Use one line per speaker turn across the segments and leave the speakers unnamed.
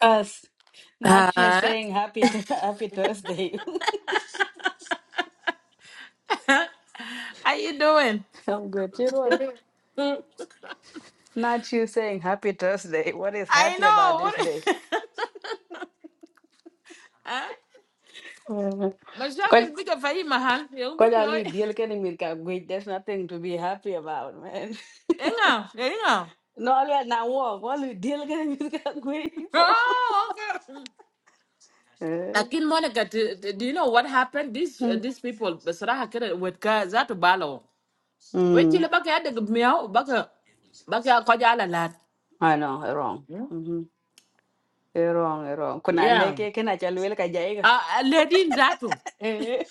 Us, not you
Uh,
saying happy to happy Thursday.
how you doing?
I'm good, you know. Not you saying happy Thursday. What is
I
happy
know.
about this
What?
day?
Huh?
Uh,
My shock is
Quite,
bigger for you, Mahal. You book
quite a little
like.
deal can you make a good. There's nothing to be happy about, man.
Inga, inga.
No, all right, now walk. What you deal can you make a good? So,
Oh, okay.
Eh.
Lakin Monica, do, do you know what happened? These uh,
Mm.
these people, بصراحة كده وتكا ذات بالو. ويتي اللي
Mm.
بقى يدك مياو بقى بقى قد على لات.
I know, eh, wrong. Mm-hmm. You're Wrong, eh, wrong. Kuna
Yeah.
leke kina chalwele kajaiga.
Uh, uh, lady in Zatu.
Eh.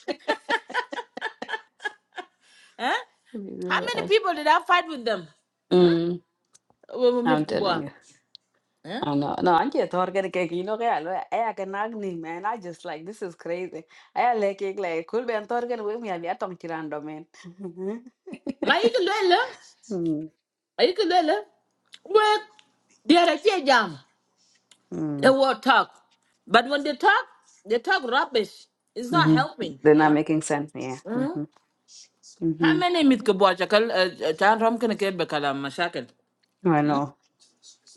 Huh?
Let me see
How
what
many people did I fight with them?
else. I'm
With
telling
Kubwa.
you.
Huh?
I know. No, I'm just talking cake. You know, I like I can agni, man. I just like this is crazy. I like it like cool be talking with me. I'll be at on Kirando, man.
My eagle, well, huh?
Mm,
Ayikalele, well, they are a fear jam. They
mm,
will talk. But when they talk, they talk rubbish. It's not
mhm.
helping,
They're
you
not
know.
making sense. Yeah.
Mm-hmm.
Mm-hmm.
How
Mm-hmm.
many meet ke Uh, cakal chan ram kena ke bekala masyakil?
I know.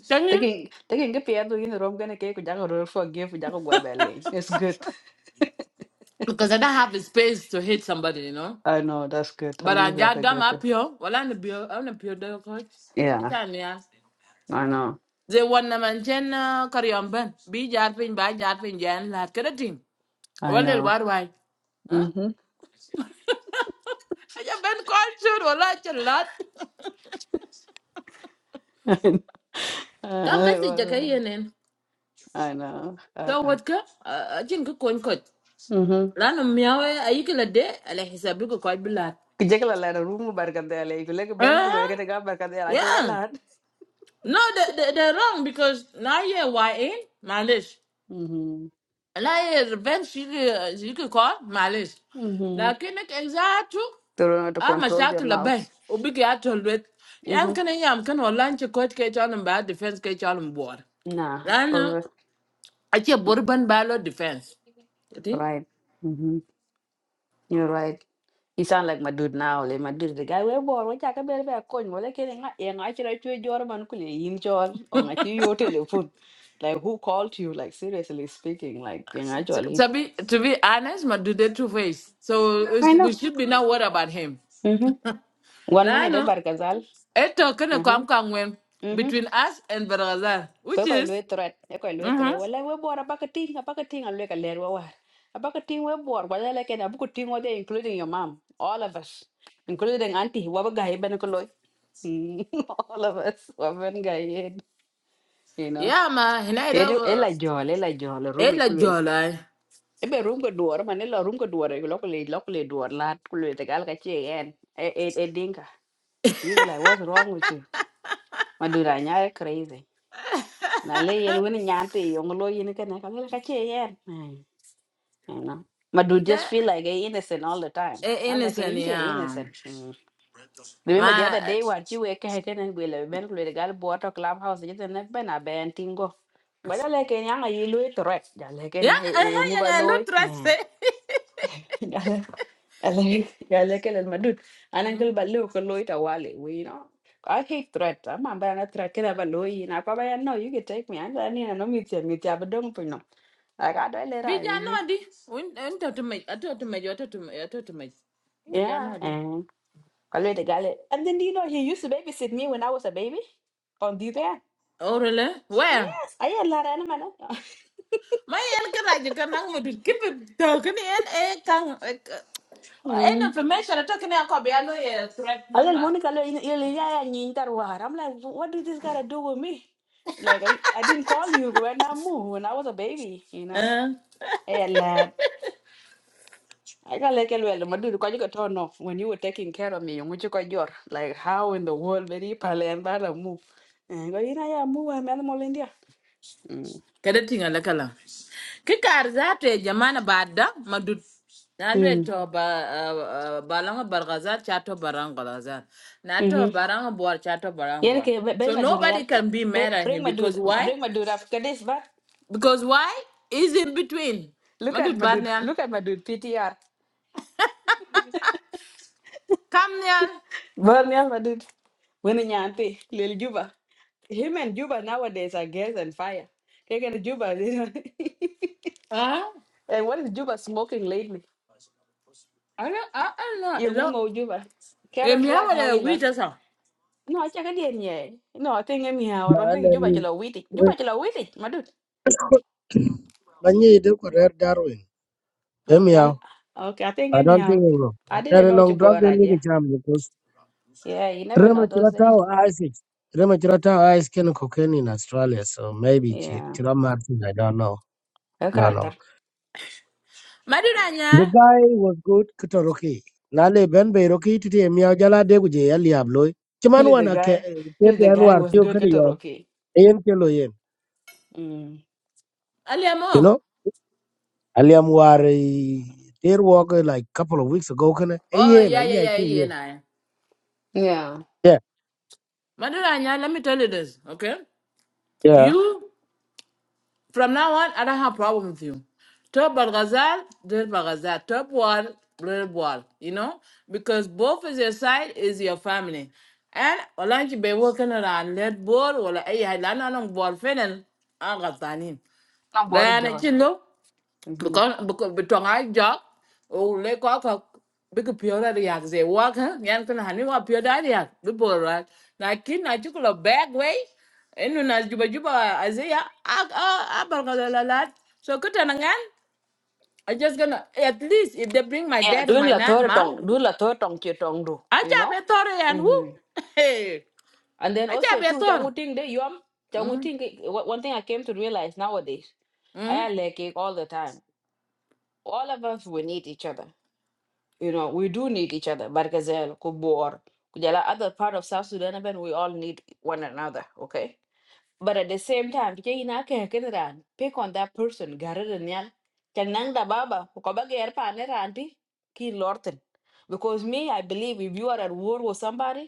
Chanyin?
Taking taking a piano in the room gonna cake with Jago for gift with Jago Belly. It's good.
Because I don't have the space to hate somebody, you know.
I know, that's good. At
But I
least that's
just
a
dumb
good
up
thing.
here. Well, I'm the pure, I'm a pure dog coach.
Yeah,
Chan yeah.
I know.
They want na man chen kari amban. Bi jar pin, ba jar pin jan lat kena ting.
I
Walil
know.
war Why? Huh?
Mm-hmm.
Aja ben culture wala ci lat.
I I know. I know.
Kam
అదే
message ja
బాధ.
ka yenen.
ఆయన
So what ka? Ajin ko kon ko.
mhm.
Lanu miawe ayiki la de ala hisabi ko ko bilat.
Jekla la room barkade ale ikule ke ben kulo
Eh?
ekete ga barkade ala che wala.
Yeah. No, they, they, they're wrong because now yeah, why ain't Malish?
Mhm.
Now yeah, revenge she could, she could call Malish.
Mhm.
Like in exact
They don't know how to
I'm a
control their
shackle a
mouth.
bay, or big at all with. Yam
Mhm.
can I am can or lunch a court catch on and bad defense catch on
Nah, for
board.
real.
Achi urban ballot defense. You
You're
think?
right. Mhm. You're right. He sound like my dude now. Like my dude, the guy we born. We talk about a coin. Well, like nga nga chira chwe jor man kule in jor or nga chwe yo telephone. Like who called you? Like seriously speaking, like nga jolly.
To be, to be honest, my do they two face. So it's-
I know.
we should be not worried about him.
Mhm. One
Like,
minute, eh,
no,
Barkazal.
it talking to come
Mhm.
between us and Barazan,
kwe
which
ko lwe
is,
tret e ko lwe tret
mm-hmm.
wala we bor abaka ting abaka ting alwe ka ler wa abaka ting we bor wala le ken abuku ting wa there including your mom all of us including auntie wa ga he ben ko loy Mm, all of us wa ben ga he you know
yeah, ma, he not
e
over.
la jol e la jol room e
like
kulwel
jolly.
e be room ko duor man e la room ko duor e lok le lok le duor la kulwe te gal ka che en e e e dinka you be like what's wrong with you madura nyaare crazy na le yen wini nyanti yong lo yin ka na ka la ka che yen Ai, you know my dude just
That
feel like a innocent all the time
eh,
i'm like
innocent,
in che
yeah.
innocent mm. remember the other
My,
day when you were ka ten and we le ben with the girl bought a clubhouse you ten ben a ben tingo wala le ke nyanga yi lo threat ya le ke
yeah,
ni
I,
e yong
I,
ba
I, I, I,
قال قال لي قال لي كده المدود انا
I,
كل بلو كله يتوالي وي نو I hate threat. I'm not bad at threat. Kira balu yi na papa ya no. You can take me. I'm not ni no miti miti abadong pun no. Like I don't let I
Bija
leave.
nadi. Unta to me. Ato to me. Ato to me. Ato to me. Bija
Yeah. And kalau the guy and then do you know he used to babysit me when I was a baby. On the there.
Oh really? Where?
Yes. I had a lot of animal.
My en kara can kanang mo dil kipe to kini en e kang e k- en information ato copy. I know e threat
I just
number.
want to call you. You yeah, yeah, I'm like, what did this gotta do with me? Like, I, I didn't call you when I moved, when I was a baby, you know?
Eh.
Hey, lad. I got like, well, my dude, because you got turned off when you were taking care of me, which you got your, like, how in the world did you pal and that I move? And go, you know, yeah, move, I'm animal India. Mm.
Kada tinga la kala. Kikar za to jamana bada madut. Nalwe
Mm.
to ba ah, ah, balanga bargazar chato barang bargazar. Nato
Mm-hmm.
barang buar chato barang
Yeah,
buar.
okay, but bring
So
my dude, yeah.
nobody can be
Ba-
mad at
Bring
him
my
because
dude,
why?
bring my dude up. Kadis, but
Because why? Is in between.
look at
Madud
my dude,
Barnial.
look at my dude, PTR.
Come Nial.
Burn, yeah, my dude. When Nyanti, Lil Juba. Him and Juba nowadays are gas and fire. Take Juba. they don't-
Ah,
and what is Juba smoking lately?
I don't I I
You
don't know.
know Juba. Karen
Emi
Black, how you
awale
love?
wita sa.
No, I check again in yeah. No, I think anyhow. I
No,
don't
and
think
I
Juba chila witty.
we
Juba chila witty, my dude.
could, when you do could have Darwin. Em
Okay, I'm okay, I think
I don't think
anyhow.
you
I
know. There
didn't
is
know you
no drug
go
in
right,
the
yeah.
jam because
Yeah, you never know those days.
Remachurata ice it. Remachurata ice can cocaine in Australia, so maybe
Yeah.
Chira Martin, I don't know.
A
No,
character.
no.
Madud
The
Anya.
guy was good, Kitoroki. Nale Ben Beroki to the Mia Jala de Guja, Eliablo. Chiman
Look the
wana ke
guy.
ke
Look
the
the guy
Anwar
was
Tio
good at
Kadiom,
rookie.
Ayan Kelo Yen.
Mm.
You
Aliamo.
know, Aliam were there walk like couple of weeks ago, can I?
Oh
Ayan,
yeah
and yeah, I
yeah yeah
can,
yeah
yeah.
yeah.
Yeah.
Madud Anya, let me tell you this, okay?
Yeah.
You From now on, I don't have problem with you. Top Bargazal, Del Bargazal. Top Wall, Del Wall. You know? Because both of your side is your family. And Olanchi be working around lead ball, ولا أي حاجة لأن أنا بول فعلا أنا غلطانين.
I'm
ده
bored
أنا كله
John.
because because betong ai jok o le ko ko big pure da ya ze wa ka yan kan hani wa pure da ya bi bora na kin na ju ko bag way enu na juba juba azia a a a bar ga la la la. so kuta na ngan i just gonna at least if they bring my
Yeah,
dad or
doing
my
la
nan
third
mom
tong, doing la third tong che tong do,
i
you
ja
know.
be tore yan hu
hmm
hey
And then
i ja
also
be
too,
tore
changuting de yum,
mm
changuting. One one thing I came to realize nowadays, I
mm
am like it all the time. All of us we need each other. You know, we do need each other. Barkazel, Kubor, Kujala, other part of South Sudan, even we all need one another. Okay But at the same time, kije ina ke ken ran, pick on that person, gare den nyal. Chang nang da baba, ko ba ger pa ne ran ti, ki lorten. Because me, I believe if you are at war with somebody,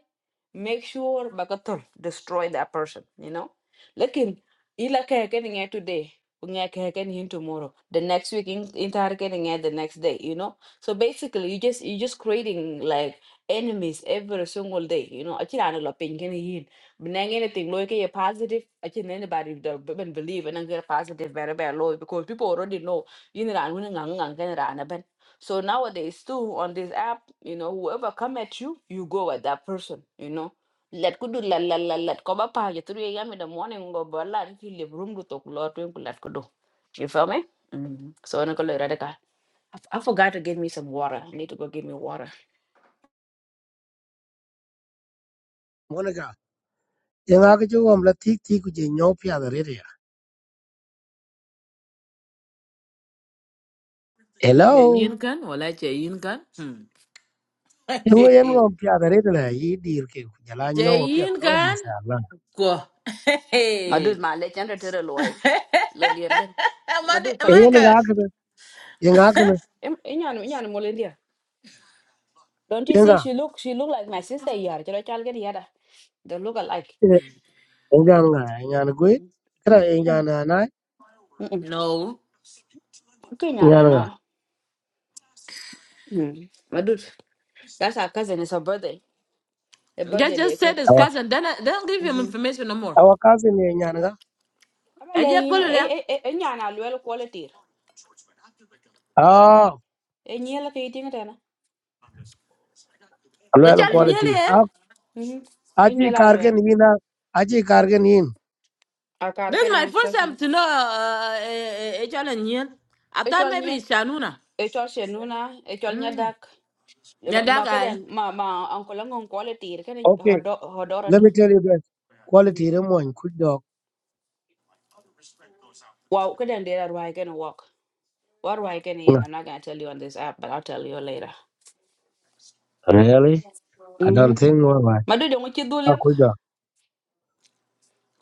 make sure bakatul destroy that person you know lakin ila kehekeni ngai today kungai kehekeni him tomorrow the next week in intar keni ngai the next day you know so basically you just you just creating like enemies every single day you know Actually, i ana lo pin keni yin benang anything lo ke positive actually, anybody don't even believe and get positive very very low because people already know You're yin ran ngang ngang so nowadays too on this app, you know, whoever come at you, you go at that person, you know. Let kudu la la la let koba pa ya 3 a.m. in the morning go bala if you leave room to talk lot to let kudu. You feel me? Mm. So I'm gonna radical. I I forgot to get me some water. I need to go get me water.
Monica, yang aku cakap om letih ti ku je nyau piada rere ya. dari dia.
che
Hello.
yin kan wala che yin kan hmm
Yang yang om piada rere lah. Ini dir ke ku jalan
che
nyau piada.
yin
Oh
kan
masya Allah.
Go.
My
Hey.
dude, my legend to the loy. Lodian gan. My
my,
dude
ni-
Eh
pal.
my
yang
nigga.
aku tu, yang aku tu,
Em inyan inyan molendia. Don't you
yang
say she
aku,
look she look like my sister yar. Chalo chal get yada. They look alike.
yang aku ngah, yang aku gue. Kira yang
Mm.
aku na na,
Mm.
No.
Okay, no, no,
yang aku.
no. Mm. My dude, that's our cousin. It's her birthday. Her
Just,
birthday day.
just
Ko.
said his
Awak
cousin. Then I, don't give him
Mhm.
information no more.
awak kasih ni yang aku.
Aba
I
le
just
yin
put it there.
e e e nya na luel quality.
Ah,
E nya la ke ting tena.
kalau
I
ada
E
challenge
nya
you
quality.
then.
Ah,
mhm. E nya
aji
la luel.
kargen ini na, aji kargen ini.
A kar
This
ke
is my
na
first
trust me.
time to know uh, a challenge you. I
E
thought
chol
maybe
nya
it's Shanuna.
e chol shenuna e chol nya
Mm.
dak. E
Yeah,
Ma
that
ma ke
guy.
den ma ma uncle ngon quality ke ne
Okay,
hodo hodora
let
tu.
me tell you this.
Mhm.
Quality ramuan kudok.
Wow, ke den dera ruai ke na walk. What ruai ke ne yin?
Nah,
I'm not gonna tell you on this app, but I'll tell you later.
Really? I don't
Mhm.
think what.
My dude, you want to do
Ah, kudok.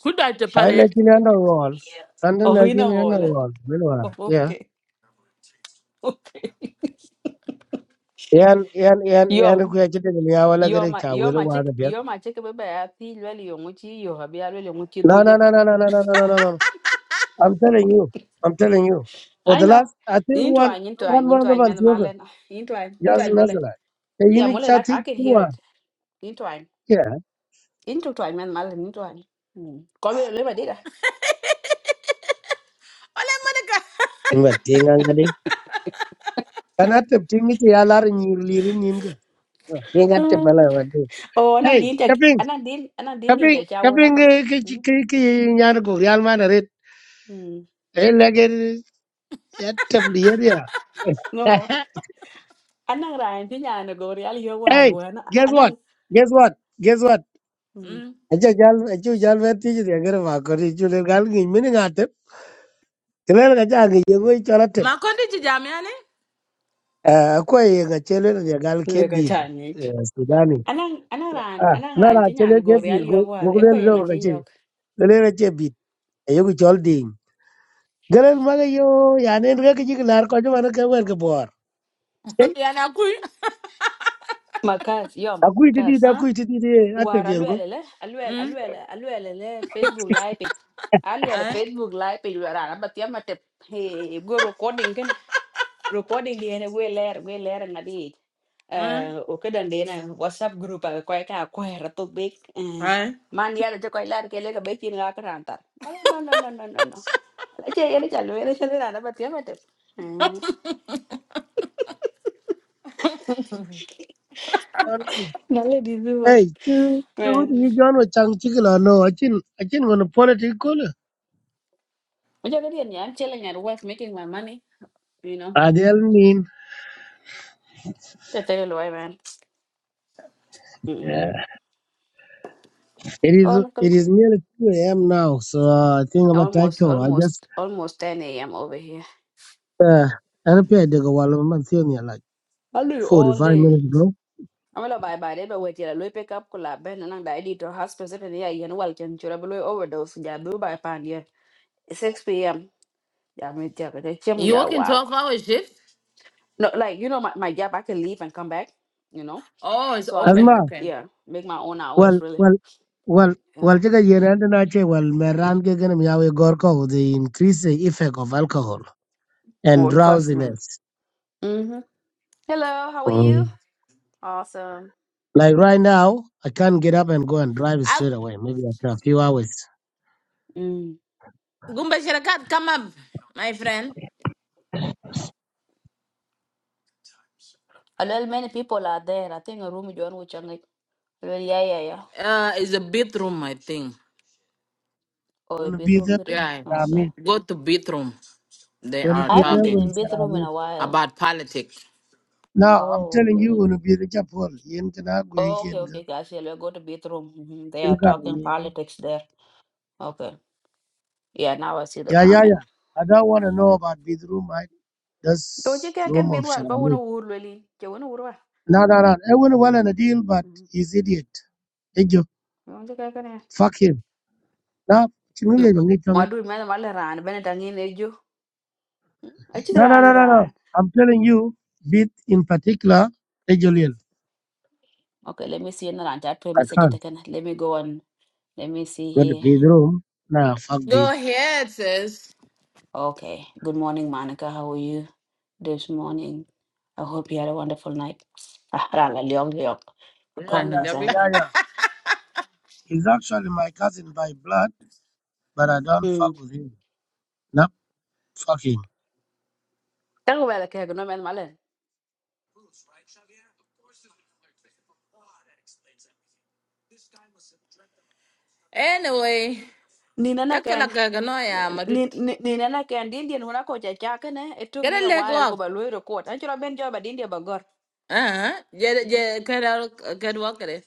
Who died to Pale?
Chai lakin yana wall. Kandan
Oh, yine
lakin yana
wallet.
wall. Wilwar. Yeah.
Okay, okay.
Yan yan yan yan ku
Yom,
yaji da ya wala gare
yom,
cha
yom
wala
a
wa
chick,
da biyar.
yom a chick, baby. I feel well, yom uchi, yo habi alwe yom uchi
No no
duliep.
no no no no no no no no. no. I'm telling you. I'm telling you. For
I
the last
know.
I think
Into
one
I, into I,
one one of
into
the
I, man,
months yoga.
malen. Into I, into
Yas
I, molen.
nazala. E
Yeah,
yini
molen.
cha
I, I
ti
can hear
kuwa.
it. Into I,
Yeah.
into I, man, malen. Into I. Come here, let me do that.
Ole Monica.
Imba tinga ngade. Kana tep tingi ti ya lar ni lirin nim ga. Tinga tep bala wa de.
Oh, anan
Hey,
din tek,
kaping
anan din, anan din
kaping
yende chawo
kaping
nako.
ke ke ke nyar go real man red.
Mm.
Hey, lagger. actively area.
Mm. anang rain ti nyane go real yo war
hey,
wen
guess
anang
what? Guess what? Guess what?
mm,
Mm.
Acha jal acha jal ver ti je agar ma kor chu le gal ngi min ngate. Kelen ga ja ngi yego i chola tep.
Ma kondi chijamiane.
Eh ko ye ga chele ne gal
lwe
ke
ka
bir.
chanich
Eh sudani.
anang anang ran
Ah,
anang
na
ran
na
ti nyane
chele
go
ke bir
real yo
go
war
go
e
le
kwe yanga
lo
che
ga che.
yok
Le le che bit. Ayo ko chol ding. Galen ma ga yo ya ne ga ke ji lar ko jo na ka wer ke bor. Hey,
Yanakui.
makas yom
akui ti di
kas
Huh?
akui ti di ate
war
biengo.
alwele le alwele
Mm.
alwele alwele le facebook live it alwele
Aye.
facebook live page ran batya matep he go recording ken recording di ene we ler we ler ngadi Ờ,
Mm.
ủa, cái đàn điện này WhatsApp group à koy ka kwera to big.
Aye.
Man ya de koy lar ke le ka bekin la ka ran tar. Wala, No no no no no no. La che ya de chalu ya de chalu na ba tiam te. Na le di zuwal.
Hey, chu chu
Man.
ni John wa chang chik la no. Achin achin wana political.
Mo ja gadien ya chele nyar worth making my money, you know.
Adiel nin.
Te te lo ay man. Mm.
Yeah. It
Oh,
is
uncle.
it is nearly two a.m. now, so uh, I think I'm about
Almost
tackle. I just
almost almost 10 a.m. over here.
uh, I repaired the wall of my theory like
I'll do
forty
all
five
day.
minutes ago.
amelo bye bye de be weti la loy pick up kula ben na nang da di to hospital pe ya yen wal ken chura be loy overdose ja do by pan ye 6 p.m. ya me tia ka che mu
You
ya
working
wa
12
ko
hour shift?
no like you know my, my job I can leave and come back you know
Oh, it's
so I
open.
make
Asma,
Okay.
yeah make my own
well,
hours really
well, well.
yeah
Well, take a year and an hour, well, Meran Gagan Miawe Gorko, the increased effect of alcohol
Oh,
and
trust me
drowsiness.
mhm hello how are you
Mm.
awesome
Like right now, I can't get up and go and drive
I
straight away, maybe after a few hours.
mm
Gumba Shirakat, come up, my friend.
a little many people are there I think a room you which I'm like well, yeah yeah yeah
Uh, it's a bedroom, I think.
We're
oh a
gonna be
bedroom
there
goodie?
when
Yeah,
okay
Amen.
go to bedroom. They
We're gonna
are
I
be
haven't
there
been
talking
when
in
it's
bedroom in a while
about politics.
Now
oh
I'm telling you,
okay
we're gonna be the chapel. Yen kana go
Oh, okay,
yen ga.
okay, guys. Yeah, let's go to bathroom. Mhm, They are talking politics there. Okay. Yeah, now I see the
Yeah, yeah, yeah.
comment.
I don't want to know about this room. I
Don't you
this
care can
room
be
of
work? I want to
Sharamit.
wood really. You want to work?
No, no, no. I wouldn't well in a deal, but he's idiot. Hey, Joe,
Don't you care can I?
fuck him. No, chingu ye bangi chonge.
What do you mean? Mal ran. Ben tangin ejo. I just
no, no,
ran
no, no, no.
ran.
I'm telling you, beat in particular, hey, Jolil.
Okay, let me see. Na ran chat to me
I
second
can't
Let me go on. Let me see
go to
here.
this room. Nah, fuck this.
Go ahead, sis.
Okay. Good morning, Monica. How are you this morning? I hope you had a wonderful night. Ah, ran la liong liong.
Yeah,
Hold
yeah,
Kong
on,
ni
they
sa ke.
yeah, yeah. He's actually my cousin by blood. but I don't
Hmm.
fuck with him. Not fuck him.
Tango ba la ke? No man
anyway,
Nina na ken,
chakalaka no ya madut.
ni- ni- nina na ken di Indian huna ko chacha kene. It took
Get
me
a
a
leg
while ko
walk.
ba lui record. An chura ben job at India bagor.
Uh huh. Get get get out. Get walk it.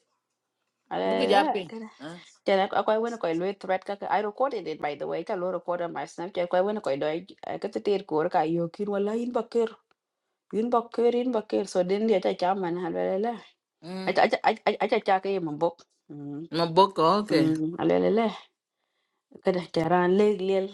Buku japi. Uh.
Then I quite went quite lui threat kaka. I recorded it by the way. Ka lui record on my Snapchat. Quite went quite doi. I got the tear kor ka yo kin wala in bakir. In bakir in bakir. So then the chacha man halala.
Mm.
Acha acha acha chacha ke mabok.
No book, okay.
Mm. Kada charan leg lel,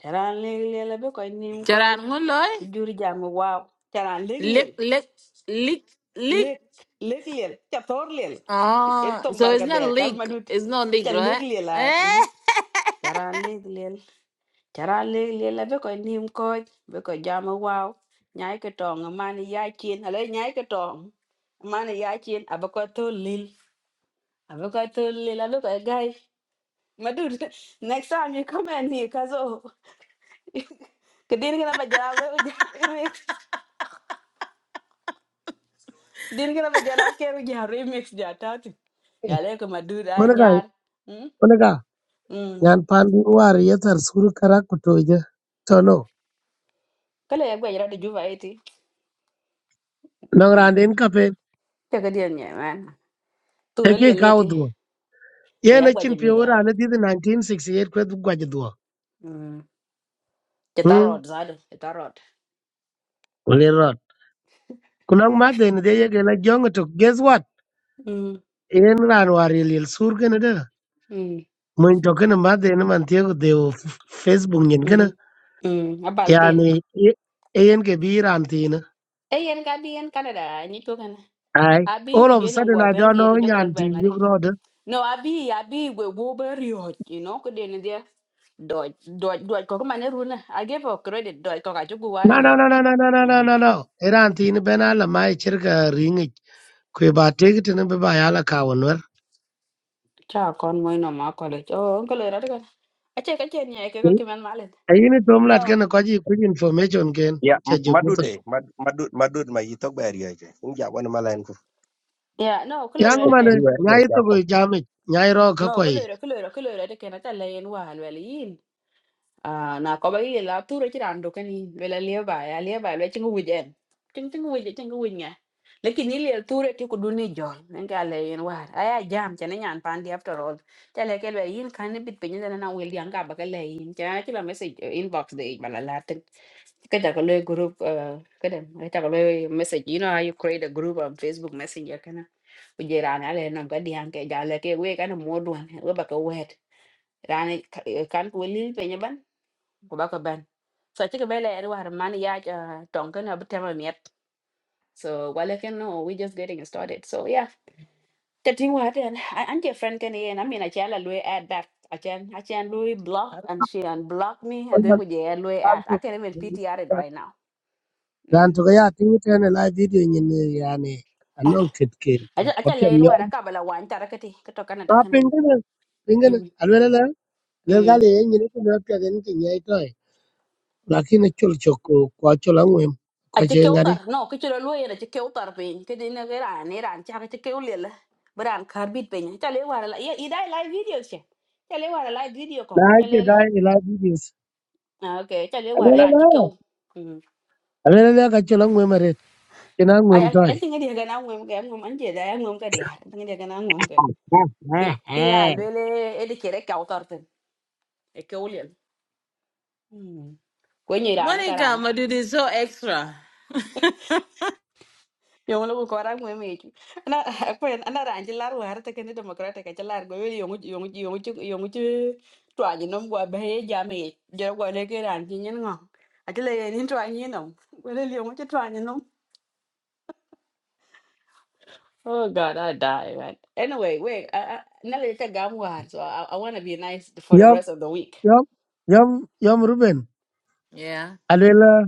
charan leg lel abe ko nim ko
Charan nguloy.
bijur jam wow, charan leg lel,
Lick lick lick lick.
leg leg lel, cha tor lel.
Ah,
Etong
so it's
barka
not
de cha
leak.
madut.
It's not leak,
Cha
right?
leg lel ay.
Eh?
Charan leg lel, charan leg lel abe ko nim ko be ko jam wow. Nyai ke tong man ya chin, ale nyai ke tong. Man ya chin abe ko to lel. Abe ko to lel abe ko gai. Madut, next time you come and here, Ke din kana ba jala lo ja remix. Din kana ba ke ja remix ja tati.
Hey,
Ja le ko madura
Monaga,
nyar. Mm.
Monaga,
Mm.
Yan Pandu war yetar suru karakutoja. So no,
Kala ya gwa jara de juva eti.
nang
Mm.
randen kape,
Te ga dia nya man. Tu le
eke
leti.
kaudwa. Yen
Ya
a
gwa je
chin
mi da.
piora and did the 1968 kwet gwajadwa.
Mm. Te
Hmm,
tarot zado. Te tarot.
well, rot. Kunang maden de like young? to guess what?
Mm.
Yen ran war yel sur kanada.
Mm.
Mun token a maden man tiago de Facebook nyen
hmm
kana.
Mm. Abaltin.
Yani, yen ke bi rantina.
E yen ka bi yen Canada ni to kana.
Aye.
Abi
All
ku
of a
je no
sudden,
gwa
I
ben
don't
ge ru
know
jo ko rut ba
Nyanti,
ngade.
you know.
No abi abi we wo berio. You know ko de Doj, doj, doj, koko mane runa. I gave her credit, doj, koko achuku
No,
wari
no,
hoj.
no, no, no, no, no, no,
Mhm.
no, no. Iran ti ni bena la mai chirka ringi. Kwe ba tegi tini biba yala ka wanwer.
Cha kon moi no ma college. Oh, uncle era de kan. Ache ka chen ya ke ko kiman malet.
Ayi ni tom lat
No.
kena information ken.
Yeah,
Cha
m-
jibutu.
Madude, Mad- Madud, Madud, my talk by area. Inja one malan.
Yeah, no, kulo
Yangu
era de
mane,
ken.
nyai toko jami. Nyai roo
No,
kakwa
kulo
yi.
era, kulo era, kulo era de ken. Ata lain wahan wali yin. à na có bấy giờ là tôi rồi chứ đàn được cái này về là lia bài à lia bài về chân cái em chân chân cái chân cái quỳ nghe lekin ni lia tôi rồi thì cũng đun đi rồi nên cái là yên war ai à jam cho nên nhàn pan đi after all cho là cái là yên cái này biết bây giờ là nào will yang cả bạc cái là yên cho nên chỉ là message ờ, inbox để bà là latin cái đó cái lời group ờ, cái đó cái đó cái lời message you know how you create a group on Facebook Messenger cái này bây giờ là này nó cái đi hàng cái giá là cái quê cái nó mua đồ hàng ở bạc cái web rani kan ku lil pe ban ko baka ban so ci ko bele er war man ya tonka na bitema miet so wala ken no we just getting started so yeah the thing what and and your friend can and i mean i chala lui add back i can i can lui block and she unblock me and then we yeah lui add i can't even ptr it right now
Ran
mm.
toko ya tingi tene la video nyini yani.
I
Anong titke.
just I just
Kopya
lay in
myo.
where I can, but it Canada,
Ma
can
pingene. Pingene. Alwele la.
I?
Lelgali yi nyini kumyo pya geni ki nyai toy. lakini chul choko kwa chul angwem kwa
aci
che
keu tar
ngadi
no ki ciro luo yen aci keu tar piny ke ne ki ran ni ran cak aci keu liel bi ran kar bit piny cale wara la ye idai live video che cale wara live video ko
na
cale
che dai ila videos
ok cale wara
alela
ran ci keu
la alela la ka chul angwem ret kina
ay
angwem
ay en
tai
tinga dia gana ngum ke ngum an je da ngum ka dia tinga dia gana ngum ke ki ki le lele edi kere keu tar piny e keu liel ko ni ran
Monica,
karan
my dude is so extra.
yong lo ko ra ngwe meju na ko en ana ran ji lar war te ken democratic ka lar go yong yong yong chu yong chu twa ji nom gwa be ja me je go le ke ran ji nyen ngo a ti le ni twa ni nom go le yong chu twa ni nom oh god i die man anyway wait I, I, na le te gam war so i, I want to be nice for the
yam
rest of the week
yam yam yam ruben
yeah.
alela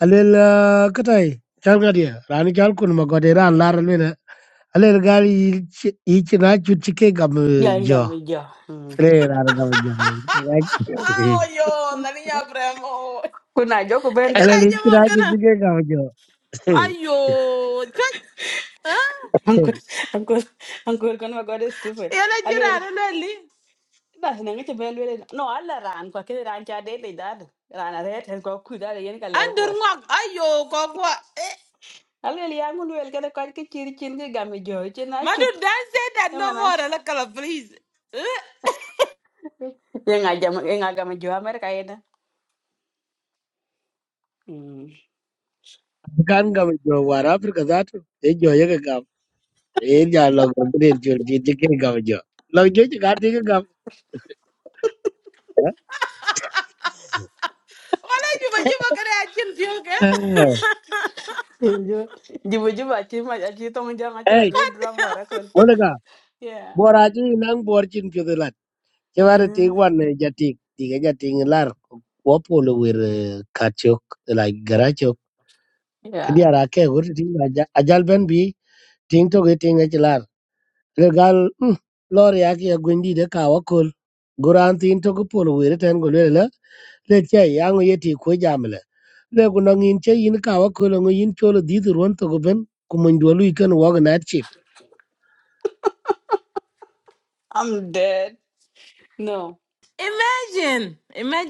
alela katai chal ngadi ya, rani chal kun ma gode ran lar lena alela gal yi chi- na chut chike gam eh,
yeah yeah
jo
me ja Hmm.
re rar gam jo ne
Oh, yo, nariña premo.
kuna joko ben
alela yi
Karaja
chi
mo
na chut
kana.
chike gam jo
Ayo, chwat. Huh?
uncle uncle uncle kono god is
Yana
stupid
chira na lali.
Bas na ngi ben wele no alla ran ko ke ran cha de de dad ran are ten ko ku dad yen ka ler ko
Andur
wat
ngok. Ayo, kokwa. Eh.
alle li angul wel ka ko ke chir chin ke gam jo che na
My
chut
dude, don't say that
e
no
mana
more. La kala, please. Eh?
ye nga jam ye nga gam jo amer ka yeda
kan gam jo war africa that e jo ye gam e ja lo gam de jo ji ji ke gam jo lo jo ji ga ti gam
Wala juba juba kare achin pioke.
jo jibu jibu achi ma achi to mo jang achi la
ei
le
God
drum wara
damn.
kon
wona
yeah
bora ji nang bor chin pyo de lat che war ti
Mhm.
wan ne ja ti ti ga ja ti lar ko po lo wir eh, ka la gara kdi
yeah
ara ke gur ti ajal ben bi ting to ge ting e lar le lor ya ki gundi de ka wa guran tin to ko po lo wir ten go le le le che yang ye ti ko jam le ku nong in che yin ka wa ko lo yin cho di di ron to go ben ku mon do lu ken wa ga na chi
i'm dead no
Imagine.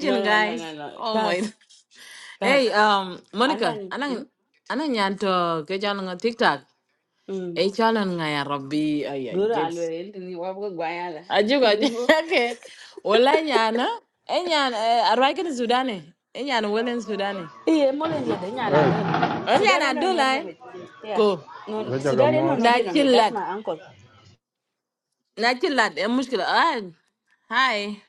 no no no no
guys.
no
Oh my.
gas
Hey,
gas
um, Monica,
anan
anang
hmm?
anang yan to kejal nga TikTok.
Mm.
Eh, jalan nga ya Rabbi. Ay, ay,
Duro
yes.
alwel tini wabu gwanya la.
Aju ka,
Nubo.
okay. Wala yan, ha? Eh, yan, eh, aray ka na Sudani. Eh, yan, wala na Sudani.
Iye mole ndiye denya na
Oi,
don.
Eh, yan,
Sudani no no no
adulay.
me. Yeah.
Ko.
No
wechaga
Sudani no
mos.
no
Na
no me. That's
chillad.
my uncle.
Eh, muskila. Ah, hi.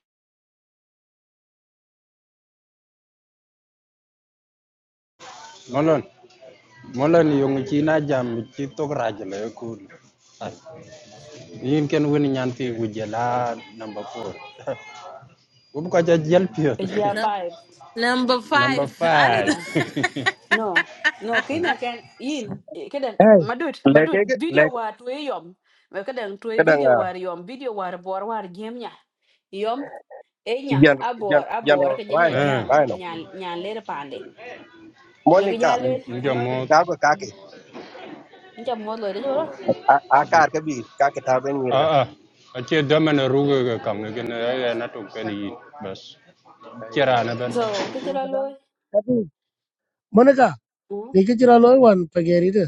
Molon. Molon yung chi na jam chi to graj le kul. Ai. Yin ken win nyan ti gujela number four. Wu ko ja jel
Yeah,
Num-
five.
Number
Number
five.
Yeah,
Ano do?
five.
five. No. No, Kenya can yin eh, kada
hey
madut
Leke,
madut
ke,
video
leke,
war to yom. Me kada to video
kadanga,
war yom video war bor war gemnya. Yom enya
Jan, Jan,
abor
yan,
abor ke jenya
rhino,
Eh,
jam.
rhino.
Nyan nyan lere pande. We ke
Monica,
jalel.
nja
Hm.
mos.
Targo Kaki,
Nja modlo de joro.
A- Akar Kabi, Kaki Tarben
A
Mirga.
a. A che damana ruga ga kam ne ken na to ken yi bas. Chera na ben.
So, ke
madam
chira
tapi monica ni ke jira lo wan pa ge ri de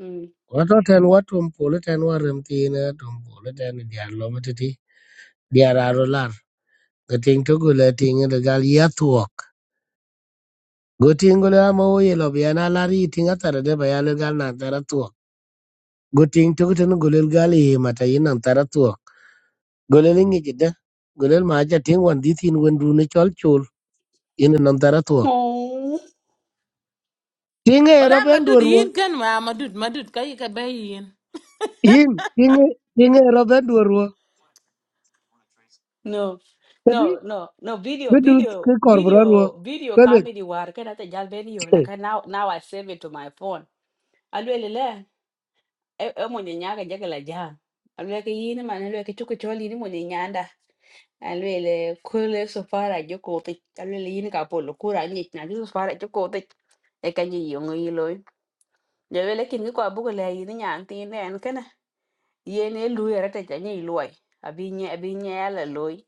Mm.
wa to ten wa tum po le ten wa rem ti na tum po le ten di ar lo ma ti ti di ar aro lar ga ting to go le ting de gal ya tuok go ting go le ma o ye lo bi na lar yi ting ata de ba ya le gal na ta ra tuok go ting to go ten go le gal yi ma ta yin na ta ra tuok go le ngi de go le ma ja ting wan di tin wan du ne chol in non tarato
Oh.
tinge
Wala,
roben
madud,
duoro
yin kan ma, madud, madud. Kaya ka ba yin?
in tinge tinge roben duoro
No,
tadi
no, no, no. Video,
bidu ke
video,
korbro ro
video, video
kale
comedy. War can at the Jalbenio. Like
che
I now, now I save it to my phone. Alwelele, emoni nyaga jagala jam. Alweke yini man, alweke chuku choli ni moni nyanda. Alwele kule sofara joko te. Alwele yini kapolo kura ni na jisu sofara joko te. Eka ni yongo iloi. Jawele kini kwa buku le yini nyanti ne enkana. Yene luye rata janyi iloi. Abinye, abinye ala loi.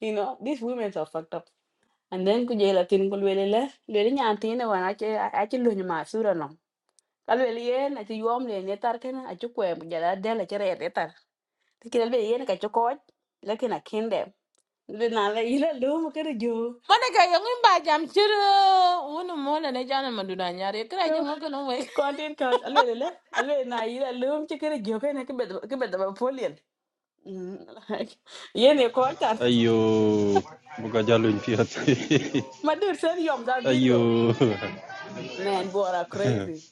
You know, these women are fucked up. And then ku jela tin ku lwele le, lwele nyan tine wan ache ache lunyo ma sura no. Ka lwele yen ache yuom le ne tar kana ache kwe mu jala del ache re de tar. Tikin lwele yen ka ache koj, lekin a kinde. Lwele na le ila lum kere jo.
Mana ka yung imba jam chira uno mola na jana maduna nyari kira
No,
jango kono we.
content cause alwele le, alwele na ila lum che kere jo kana ke bedwa ke bedwa polien. Yen e koj tar.
Ayo, buka jalun pio.
Ma dur sen yom that video.
Ayo.
Man, boy, crazy.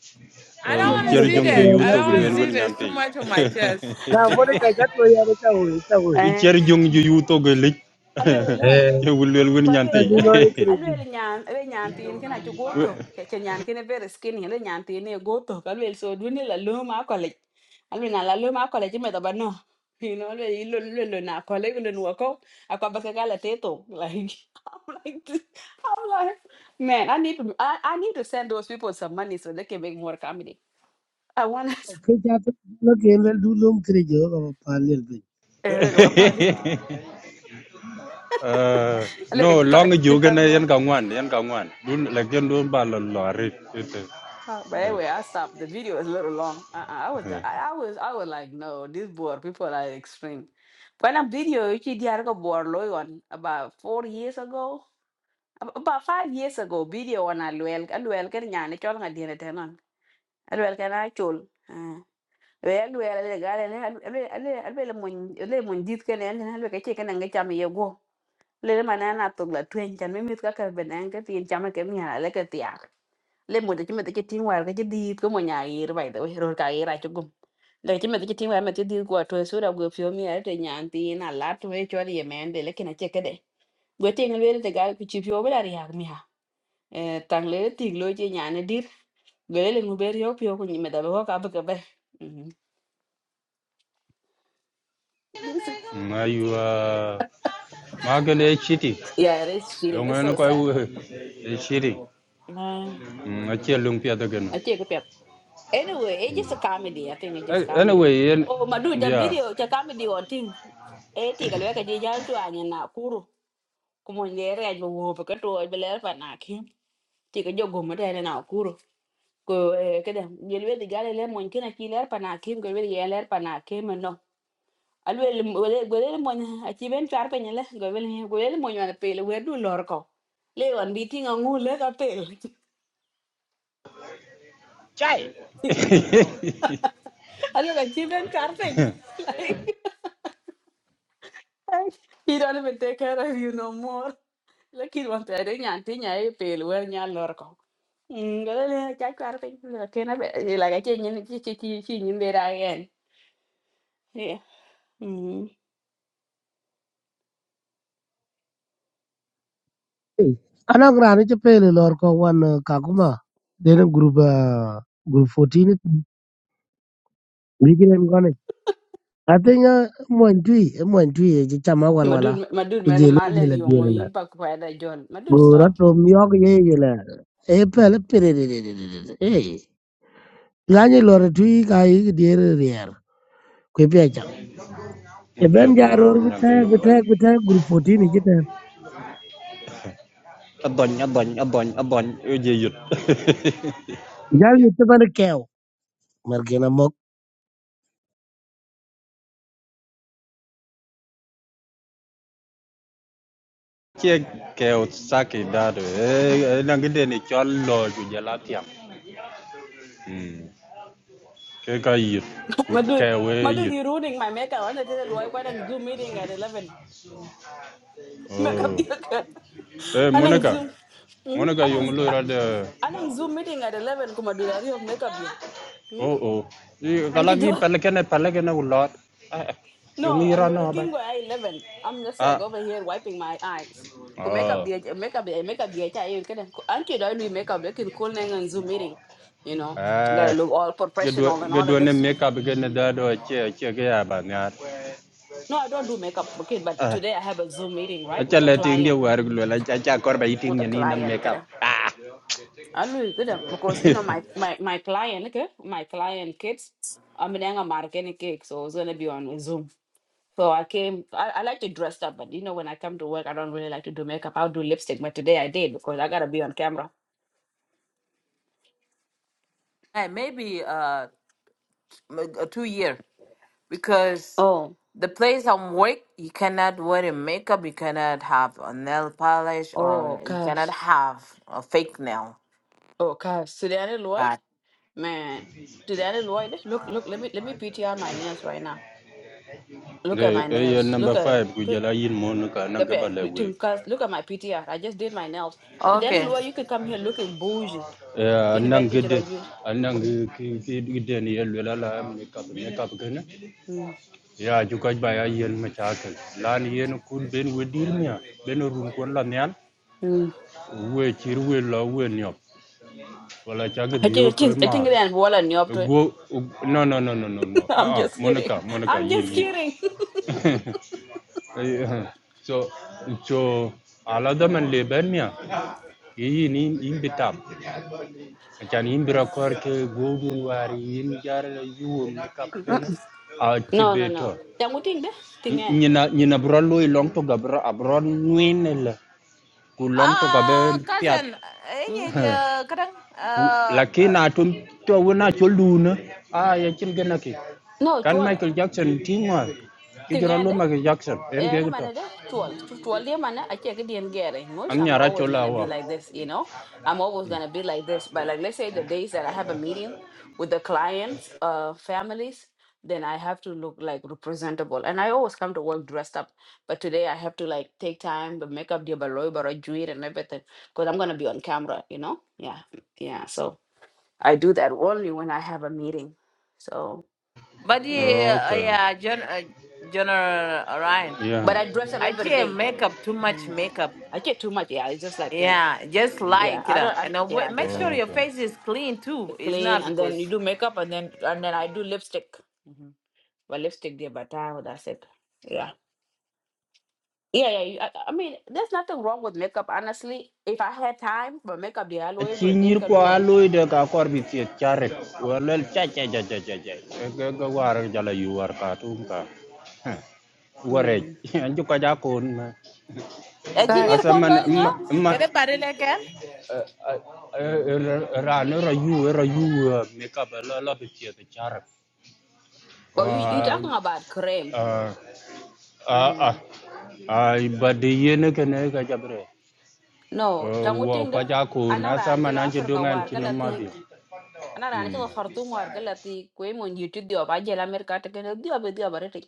I don't
tu na
want to
Wicher
re
see
jato
jong ju
that.
Okay.
ya
I
yuto
don't
go
want
lasia
to
lwel
see
wen
that. It's
nyante.
too much on my chest.
na vore ka jato ya re ta hoye ta hoye
Eh.
Wicher jong ju yuto go lich.
a lele le
eh
Je wul lwel wen
Kwa lwele
nyante.
tadi
le,
no re
a
kriji
lwele nyan, we nyan tin kina chu gotok. Che che nyan kina very skinny, le nyan tin e gotok. A lwele so duni la lo ma college. A lwele na la lo ma college me taba no. You know, lwele ilo lwele na college lwele nwako. A kwa baka gala teto. Like, I'm like, this- I'm like, man, I need to, I, I need to send those people some money so they can make more comedy. I want to.
ke jato no kendel du lum kriji ga palel be
Eh, wega wapali.
Eh,
Look
No long ju gana
at you,
yan ka ngwan yan ka ngwan. Dun la gen dun ba lo lo rit.
Uh, but anyway, I stopped. The video is a little long. Uh-uh, I was, the- I I was, I was like, no, this board people are extreme. When i video, you did a board lawyer on about four years ago, ab- about five years ago. Video on a luel, a luel can yan, a chol ngayon tenon. A luel can I chol. Well, well, a legal, a little, a little, a little, mun dit kan en a little chicken and get chami yego. Little man, I took the twin, and me mit kaka benanga, the chama came here, like a tiak lemon ci mete ci tin war ga ci diit ko mo nyaayir bay da ro ka yira ci gum le ci mete ci tin war mete diit ko to sura go fio mi ay te nyanti na lat we chol ye men de le kina che kede go te ngel wele te gal ku ci fio bla ri hak mi ha e tang le ti lo ci nyaane dir go le ngu ber yo fio ku ni mete be ho ka be ke be Mhm.
Ma yu ma gen e chiti.
yeah it is cheating
Yong
it's
en
so sad
ko e chiti.
Mm.
Ma che lung pia da gen.
I take a pep. Anyway, it's just a comedy. I think it's just comedy.
Anyway, yan
Oh, my dude, the
yeah.
video, the comedy or thing. Eh, take a look at the jail to hang na kuro. Come on, there, I will walk a toy, but left and knock him. Take a jog, mother and now kuro. Go, eh, get him. You will the galley lemon, can I kill her panakim, go really yell her panakim and no. I will go lemon, a chiven charping and less go will go lemon on a pail. Where do Lorco? Lay on beating a moon like a pail. I look at chiven charping. he don't even take care of you no more. Lakini wampere nyanti nyai pelu wer nyalor ko. Ngale cha kwar pe lakini be la ga chen nyin chi chi chi chi nyin be ra gen. Yeah. Mm.
ana grani che pele lor ko wan kakuma dene group ah, group 14 ni I think uh Montui, Montui, Chama Walwala,
Madud madud man
Kujelo
malen
Jela
yongo
Diela,
yin pak kwa da John. Madud stop.
Gurato Myok Yela, Apel period. hey. eh, Lani Loratui, Kai, dear Rier, Quipia. A
Ngapia
Ben
da
Jaro
wen
with
nyante
her,
yong
with
da.
her, with her, good fourteen, Jal
Adon, adon, adon, adon, ödeyut.
Yutaban Cow,
Ke ke sake dado. Eh, na gede ne chollo ju jalatiam. Hmm. Ke ka yut. Ku
Madud
ke
Madud you ruining my makeup. I wanted to why why don't Zoom meeting at 11. Makeup
Oh.
dia kan.
Eh,
Anang
Monica.
Zoom. Hmm?
Monica yang
Anang
lo ra
anang Zoom meeting at 11 kuma dudari yok makeup dia. Hmm?
Oh oh. Kalau kalagi pelekene pelekene ulot. Eh, Yang
No, I'm
iran ira
gonna
no
kin go I eleven. I'm just like
Ah.
over here wiping my eyes. Go make up
Oh.
the make up the make up the I can Auntie, do not do makeup. make up looking cool and Zoom meeting? You know, I gotta
Eh.
look all
Gedua
professional and all of
gedua ne
this.
makeup begini dado che cek ke aba nyat.
No, I don't do makeup, okay, but
Eh.
today I have a Zoom meeting, right,
acha
with a
le ting dia
client.
war gulo la acha kor ba iting
With a
nyani nang
client,
makeup
kada.
ah
I look good because you know my my my client, okay, my client kids. I'm in a marketing cake, so it's gonna be on Zoom. So I came, I, I like to dress up, but you know, when I come to work, I don't really like to do makeup. I'll do lipstick, but today I did because I gotta be on camera.
Hey, maybe uh m- a two year because
Oh,
the place I'm work you cannot wear a makeup, you cannot have a nail polish or
oh
you cannot
gosh.
have a fake nail.
Oh gosh. Sudani Lloyd?
God.
Man. Sudani Lloyd. Look, look, let me let me PTR my nails right now. Look
de
at my
e yo
nails.
number
Look at it.
5 ku
Look
jala yin mon ka nang
look
ka
at
bale we
look at- look at my P T R. I just did my nails. Sudani
Okay.
Lloyd, you could come here looking bougie.
e
You know,
nang
better teacher, I
gede
do.
anang
Mhm,
ki ki gede ni yel la la makeup makeup gene
mm,
ya ju ka ba ya yen ma cha ka lan yen kun ben we dir nya ben run kon la nyan
Hmm.
we chir we la we nyop wala cha ge
I think
dio
I
pe
think I
ma
think they are more than you up to it.
go no no no no no no
I'm
ah ah
just
monica
kidding.
monica
I'm
yin
just
yin
kidding.
so so alada man le banya yi ni in bitam can in bira kor ke gogun wari yin jar yuum ni kapena a
No, no,
cibeto
no. Jangu ting de, ting en.
nyina nyina bro loy long to gabra abron ngwin la ku long to gabe
Ah,
piat
cousin, eh,
Mm?
yeah, yeah, kadang,
lakina tum to wona choluna a ya cin gana ki
No,
kan
chual,
michael jackson tingwa ki
ting
jora
en
lo
de.
michael jackson en
Eh,
ge
na
to
mana de, chual. Chu- Chual dia mana, ache ke dien gere.
an
Mush, I'm
nyara
always gonna be
chola
like this, you know? I'm always gonna be like this. But like, let's say the days that I have a meeting with the clients, uh, families, then I have to look like representable. And I always come to work dressed up. But today I have to like take time, the makeup, the baloi, baroi, juir, and everything. Because I'm gonna be on camera, you know? Yeah, yeah. So I do that only when I have a meeting. So.
But
Yeah.
yeah,
Ok.
uh, yeah, Gen uh, General Ryan,
Yeah.
But I dress up
I
every
see
day.
makeup too much
Mhm.
makeup.
I get too much. Yeah, it's just like you know.
Yeah, just
Yeah,
light, you
I
know,
don't. I,
and uh,
yeah,
wa-
I
make
just uh,
sure
like
your
Ok.
face is clean too.
it's
It's
clean,
not
and then you
because.
do makeup, and then and then I do lipstick. hmm But lipstick there, but time that's it. Yeah. Yeah, yeah. you- I, I mean, there's nothing wrong with makeup, honestly. If I had time for makeup, yeah,
A
I'll
ci
every day,
ñir
can
ko
do
a
it.
loy de ka kor bi fi charet. Wala cha cha cha cha cha cha. Ga ga war jala yu war ka tum ka. Ware.
Mm.
Anju ka ja kon ma.
Eh, junior
Guys,
Asa
kondo
man
inga?
ma ma
Kede badele ken?
eh, eh, eh, eh, ra no ra yu eh, ra yu eh, me ka ba la la bi fi charet.
well, you you
Wa
talking about
a
cream?
a
Mm-hmm.
ai badi yene kene ka jabre.
No, changu
Wa
ting
ka
de.
ja kon
Anak
asa
ranci
man
lo
anju
Afrika
dungan
war
ci no ma
kala
bi.
Anarane
Lakini
choto kartu muar kelati koe mon YouTube diwa, ajel Amerika teke nadiwa bediwa bareri.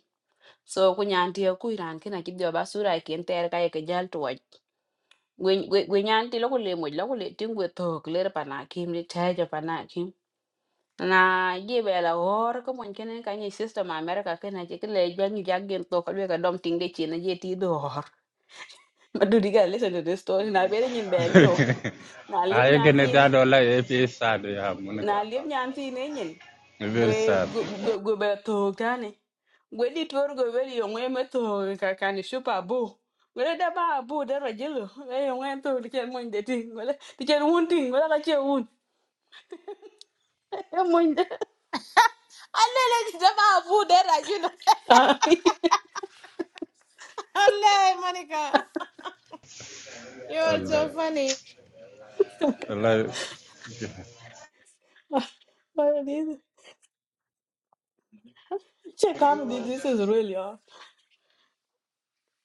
So kunyanti aku iranke nadiwa basuraikin terkaya kajal tuai. Kunyanti lakuke limo, lakuke tiumu tokler panakim, limeteh jepanakim. Na ye bela hor, kau monke nai kanye sistem Amerika ke nai cikle jangi jangi tokler kau dom tingde china ye tidor. Maduri ka listen to this story, na berenjen belio, na alip kunyanti.
dada, wallahi it is sad ya
na
Monica.
liep nyan thi ne nyin
Very
gwe
sad.
gwe gwe gwe be thok tane gwe di tuor gwe wel yo ngwe me thok ka kan shupa bu gwe da ba bu da ro jelo e yo ngwe thok ti chen mon de ting gwe ti chen un ting gwe ka che un e mon de
Alele jama abu dera, you know. Alele, Monica, you are so
Wallahi.
funny.
Wallahi.
But this, check comedy. This is really off.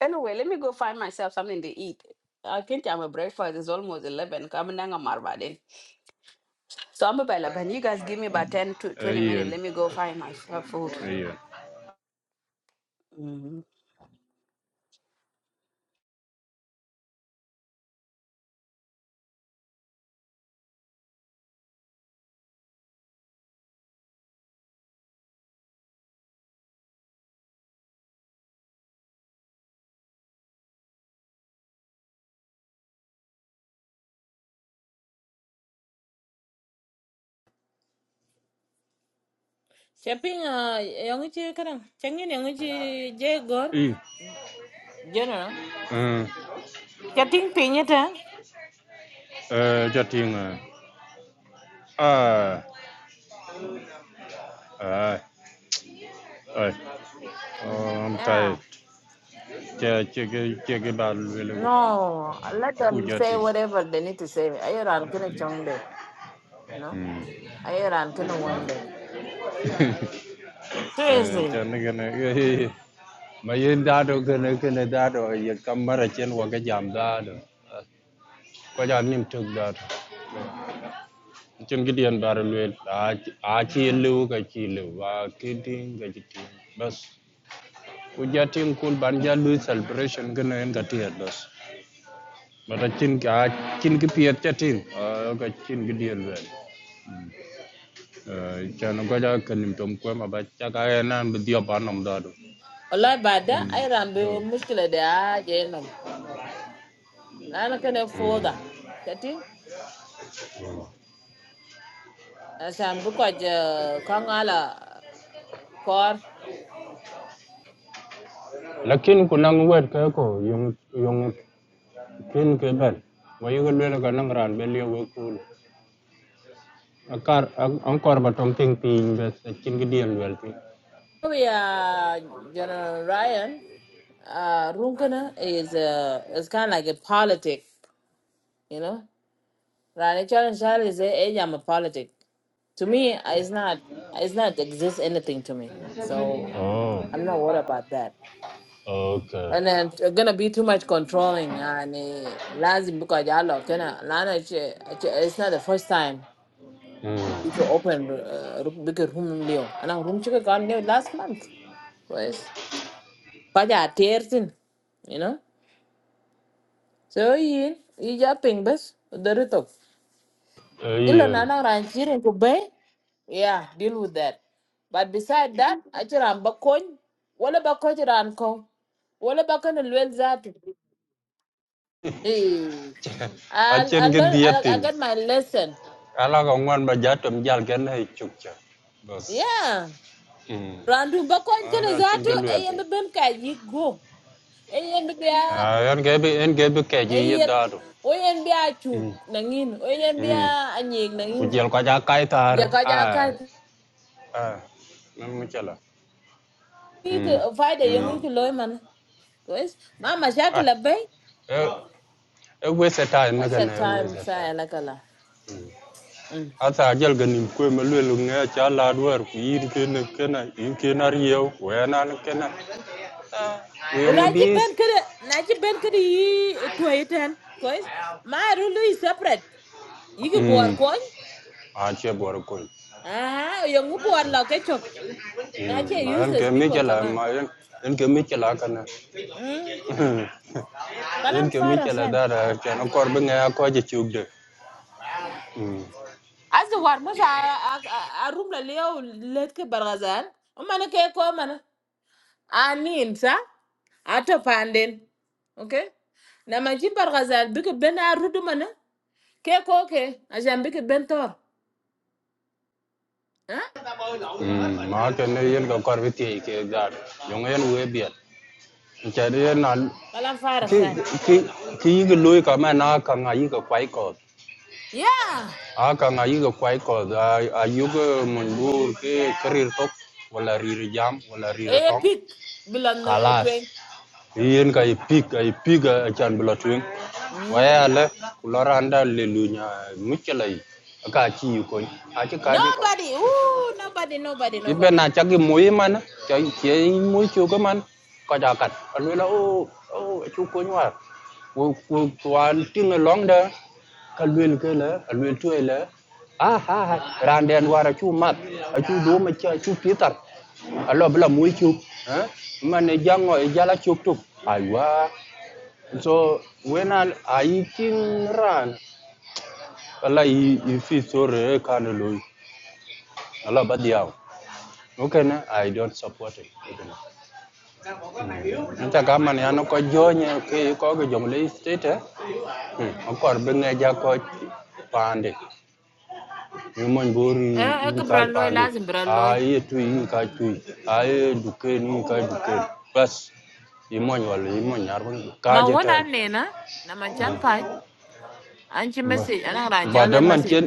Anyway, let me go find myself something to eat. I think I'm a breakfast. It's almost eleven. Come and hang So I'm about like, you guys give me about 10 to 20 minutes.
Ian.
Let me go find my f- uh, food.
Ian.
Mhm.
Shopping uh yang uci kadang, canggih yang uci
eh,
jegor. General,
Ian.
chatting pinyata.
Uh, Jatin. Ah. Ah. Ah. Um,
Yeah.
tai. Che che che che che ba lwe lwe.
No, let
Apu
them say
Jatin.
whatever they need to say. Iran gonna chung de, you know.
Hmm.
Iran gonna win de.
Eh,
Seriously.
cho nên cái này cái mà yên đa đồ cái này cái này đa đồ giờ cầm mà ra trên qua cái giảm đa đồ có giảm niệm thực đó Chân cái cin gideon bar luel a ci lew ka ci lew ba kitin ga ci bas ku jatin kul ban ja lu celebration cái này cái này gana en ga tiet bas mata cin ka cin cái piet cái ga cin gideon luel có ko ja niệm tom ko mà ba cha cái enan bi dio ba nom da do
Allah bada Iran be wo mushkila de a jelam. Lana kana foda. Kati asan bu ko je kangala kor.
lakin ku nang wet ka ko yung yung kin ke ban wa yugo là cái nang ran be le we kul Akar angkor ankor ba tong ting ping ba sa kin
We are General Ryan. Uh, Runkana is uh, is kind of like a politic, you know. Rani Charan Shah is a, a, I'm a politic. to me it's not it's not exist anything to me so
Oh.
i'm not worried about that
oke
and then it's gonna be too much controlling and uh, lazim because y'all look, you know, Lana, she- it's not the first time
Hmm.
it's open uh, big room leo and our room chicken got new last month was kaja tears in you know so you you jumping bus there it go. Ilo
Ayen.
nana ran chirin ku bay. Yeah, deal with that. But beside that, I chiran bakon. Wala bakon chiran ko. Wala bakon lwel zatu. Hey.
A
I, I
chen gi
learn. I, I
dietin.
got my lesson.
Ala ko ngwan ba bos
Yeah.
Hmm.
Randu bakon kana
Ala chen gi
zatu.
wel
Ayen
ti.
ben ka yigo. Eh, bia.
Ah, en ge bi en ge bi
Ayep.
daru.
Oyen bia chuk
Hmm.
nangin. Oyen
Hmm.
bia anyeg
Ku
nangin.
kaca kaitar
Jaga
Ah.
jaga.
Ah. Nam mu Hmm.
Fida yengu
Hmm.
kuloy man. Guys, mama
Ah.
shakla bay.
eh eh waste time me
What's
kan
that
e
time,
waste
sir? Like a
ata ajal ganim kwe ma lwelo nge cha lad wer ku yin kene kena yin kena riew wena ni kena uyong
Unaji
bis
ben kada, naji ben kada yi tuwa eight, ten. Kois, my rule is separate. You Yiki buwar
mm
coin.
a che bor ko
Ah, yungu buwar la kechok.
mm
Naji
ma en
useless
ke mi
people, come
chala
on.
ma en en ke mi chala kana
Mm.
en
Kalam
ke mi
fara,
chala
sir.
dara cha no kor bi nge ko je chuk de mm
As the war musha I I a- room the leo letke bargazan. Umana ke I mana. Anin, sir. Ato panden. Okay? Na maji bargazan, bika ben a rudu mana. Ke ko ke, ajan biki bentor. Huh?
mm ma ke ne yen ko kor bi ti ke dar yong en we biet cha de na
Kalam fara
ki
sa.
ki ki yi loy ka ma na ka nga yi ka kwai ko
Yeah.
aka nga yiga kwai ko a a yuga mundur ke karir tok wala rir jam wala rir
Eh
tong
pik bilan no
kalas
otwe.
yen ka ipik ay piga chan blotwing
Hmm.
waya le kulora anda le lunya muchalai aka chi ko a chi ka chi ko
Nobody. Ooh, nobody, nobody,
ibe
nobody.
na chagi moyi man cha che moyi chu ko man ka ja kat a lu o o chu ko nywa ku ku twan ting long da ka luel ke la a luel tu la a ha ha ran den wara chu mat a chu do ma cha chu pitar a lo bla mu chu ha man ne jango e jala chu tu aiwa so when al ai kin ran ala i i fi sore kan lo ala badia okay na i don't support it nta kama ne ano ko jonye ke ko go jong le state eh akor benga ja ko pande min man bori
Eh eh
yin
ke
ka
bralloy
pandu
lazim
a
bralloy.
ye tu yin ka tu a ye duke ni yin ka duke bas yi man wal yi man yar ban ka
Ma
je ten
wona ne na na man chan pai. Anchi
Ba-
message ana ran
ba
jalo
da man
message.
ken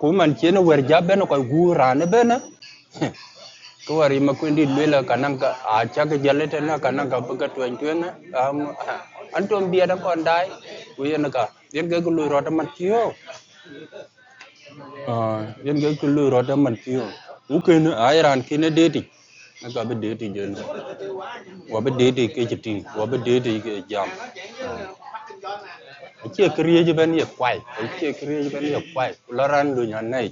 ku man ken wer ja ben ko gu rane ben ko war yi makwindi lela kanan ka a chaga jalete na kanan ka buga tuen tuen am an tom biya da kon dai ku yen ka yen ga gulu ro da man tiyo Ah, yel gel kulu roda man piyo. Uken ayran kine deti. Aga be deti jen. Wa be deti ke jiti, wa be deti ke jam. Ache kriye je ben ye kwai. Ache kriye je ben ye kwai. Laran do nyan nai.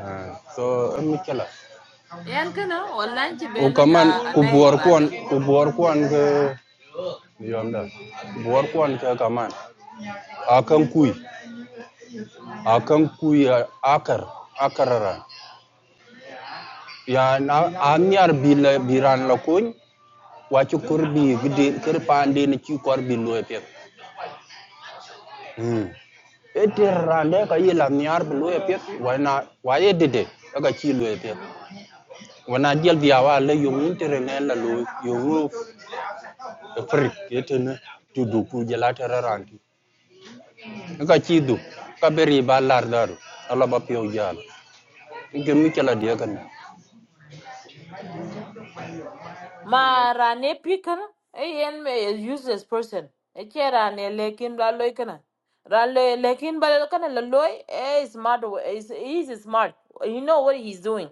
Ah, so emmi kala.
Yan kana wallahi ci
O
belo
kaman
ya
ku
anai
buor kuan,
badan.
ku buor kuan ke yomda. Buor kuan ke kaman. Akan kui. Akan kui akar. Akarara. Ya na anyar bila biran lakuin wacu korbi gidi kirpande ni ci korbi loye pet eter rande ka yila niar bi loye pet wana waye dede aka ci loye pet wana diel biya wa le yong internet la lo yong frik etene tudu ku jela teraranti aka ci du ka beri ba lar daru ala ba piyo jala ngem ci la de kan
ma rane pikana e yen me is useless person e che rane lekin la loy kana ran le lekin ba lo kana la loy e is smart wa- is he's smart you know what he's doing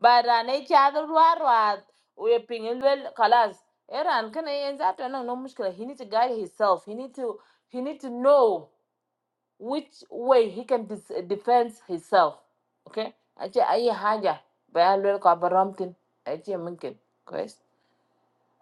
but rane cha da war wa we pingel wel kalas e ran kana yen za to no no mushkila he need to guide himself he need to he need to know which way he can dis- defend himself okay aje ayi haja ba lo ka baramtin aje mungkin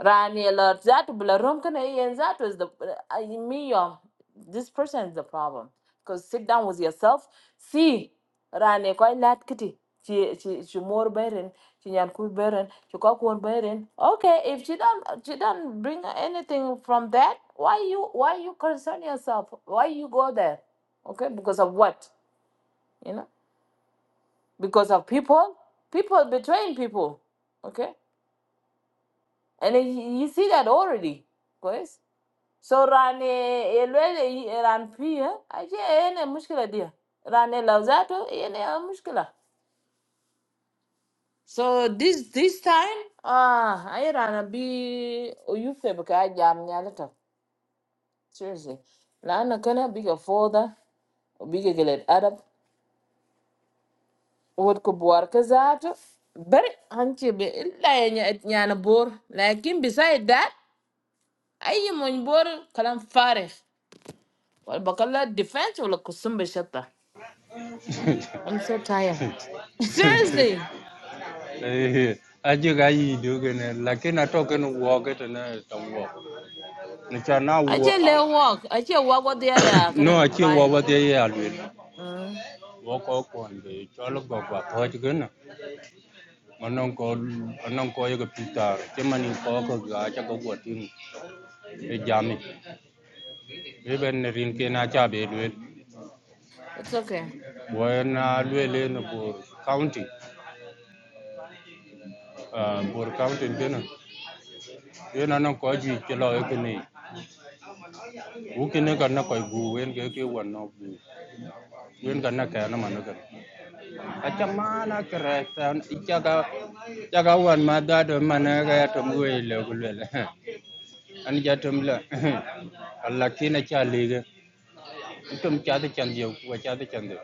Rani alert that Bularum can and that is the I me your this person is the problem. Cause sit down with yourself, see Rani quite lad kitty. She she she more bearing, she nyan cool bearing, she cock one bearing. Okay, if she don't she don't bring anything from that, why you why you concern yourself? Why you go there? Okay, because of what? You know? Because of people? People betraying people. Okay? And then you, you see that already, guys. So rane elwele ran pia aje ene mushkila dia. Rane lauzato ene ya mushkila. So this this time ah ay rana bi uyufe baka jam nyalata. Seriously. Lana kana biga foda biga gelet arab wod ko buar ka zato bari hanche be illa ya nya- nyana bor lakin beside that ay mon bor kalam farekh wal bakalla defense wala kusum be shatta I'm so tired. Seriously.
eh aje ga yi do gene lakin atoken wo getene tan wo ni cha na
I just
wo
let walk. I just walk with the yeah,
No achi
Ryan.
wawa deye alwil
Uh,
woko kwonde chol gogwa poch gina manong ko manong ko yega pitar chemani ko ko gacha ko gwatin e jami even ne rin ke na cha be lwil
it's okay.
wena lwil ne bur county ah, bur county gina yena nong ko ji chelo yekini ukine kana ko gu wen ke ke wan no gu wen kana kana managa Achamana keresan ichaga chaga wan madado managa yatom wele kulwele an jatom la alakina chalige tum chadu chandio wa chadu chandio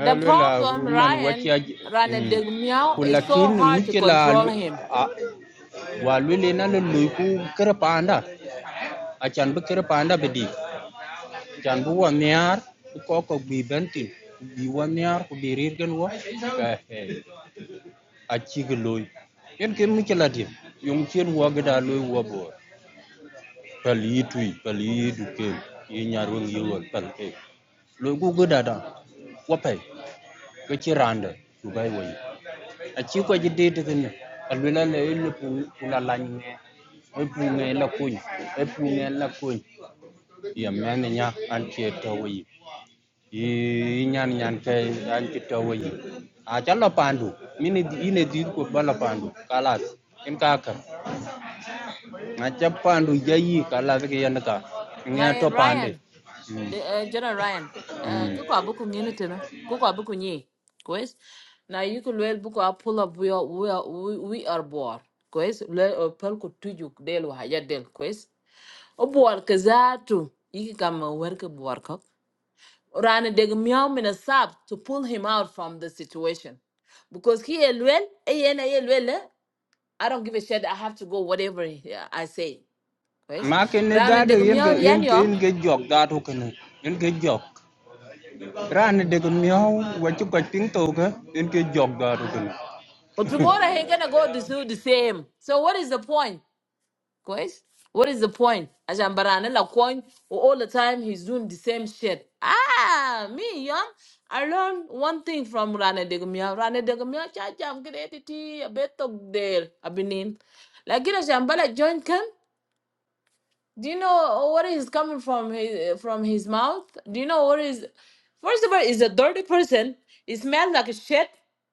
The
lwela
problem,
man
Ryan,
wacha
Ryan Dig Meow, is so
kulakin
hard to
mukela
control him.
wa lwele na lwele ku kerpanda achan bu kerpanda bedi chan bu wa miar ko ko bi bentin bi wa miar ku bi rirgen wa acik loi ken ke mikelatin yong chen wa gada loi wa bo pal yi tui pal yi du ke yi nyar wang yi wal pal ke loi gu gada da wa pai ke chi randa du bai wai acik wa jide te ken alwela le le pula la nge e punge la kuny e punge la kuny ya mene nya an che to wi yi nyan nyan ke an che to wi a cha la pandu mini di- ine di ko bala pandu kalas in ka kar acha pandu jayi kala ke yen ka nge
My
to pande
Ryan,
Mm.
the uh, General Ryan, uh, kuko abuku ngini tena, kuko abuku nyi, kwez. Na yuko lwel buku apula buya, we are, we, we are bored, kwez. Lwel opel kutuju kdelu haya del, kwez. Obuwar kazatu, yiki kama werke buwar Rana deg meow mina sab to pull him out from the situation. Because he elwell, ayena elwell, I don't give a shit. I have to go whatever he- I say. Yes.
ma ke ne da
Rana
de
deg
yen ke
meow yan
yen ke
yom.
yen ke jok da to ke ne yen ke jok ran de ko miao wa chu ka ting to ke yen ke jok da to ke ne
But tomorrow he gonna go to do the same. So what is the point? Guys, what is the point? Ajambarana la coin or all the time he's doing the same shit. Ah, me young. I learned one thing from Rana Degumia. Rana Degumia, cha jam krediti a bit of del abinin. Like it a jambala joint do you know what is coming from his from his mouth? Do you know what is? First of all, is a dirty person. He smells like a shit.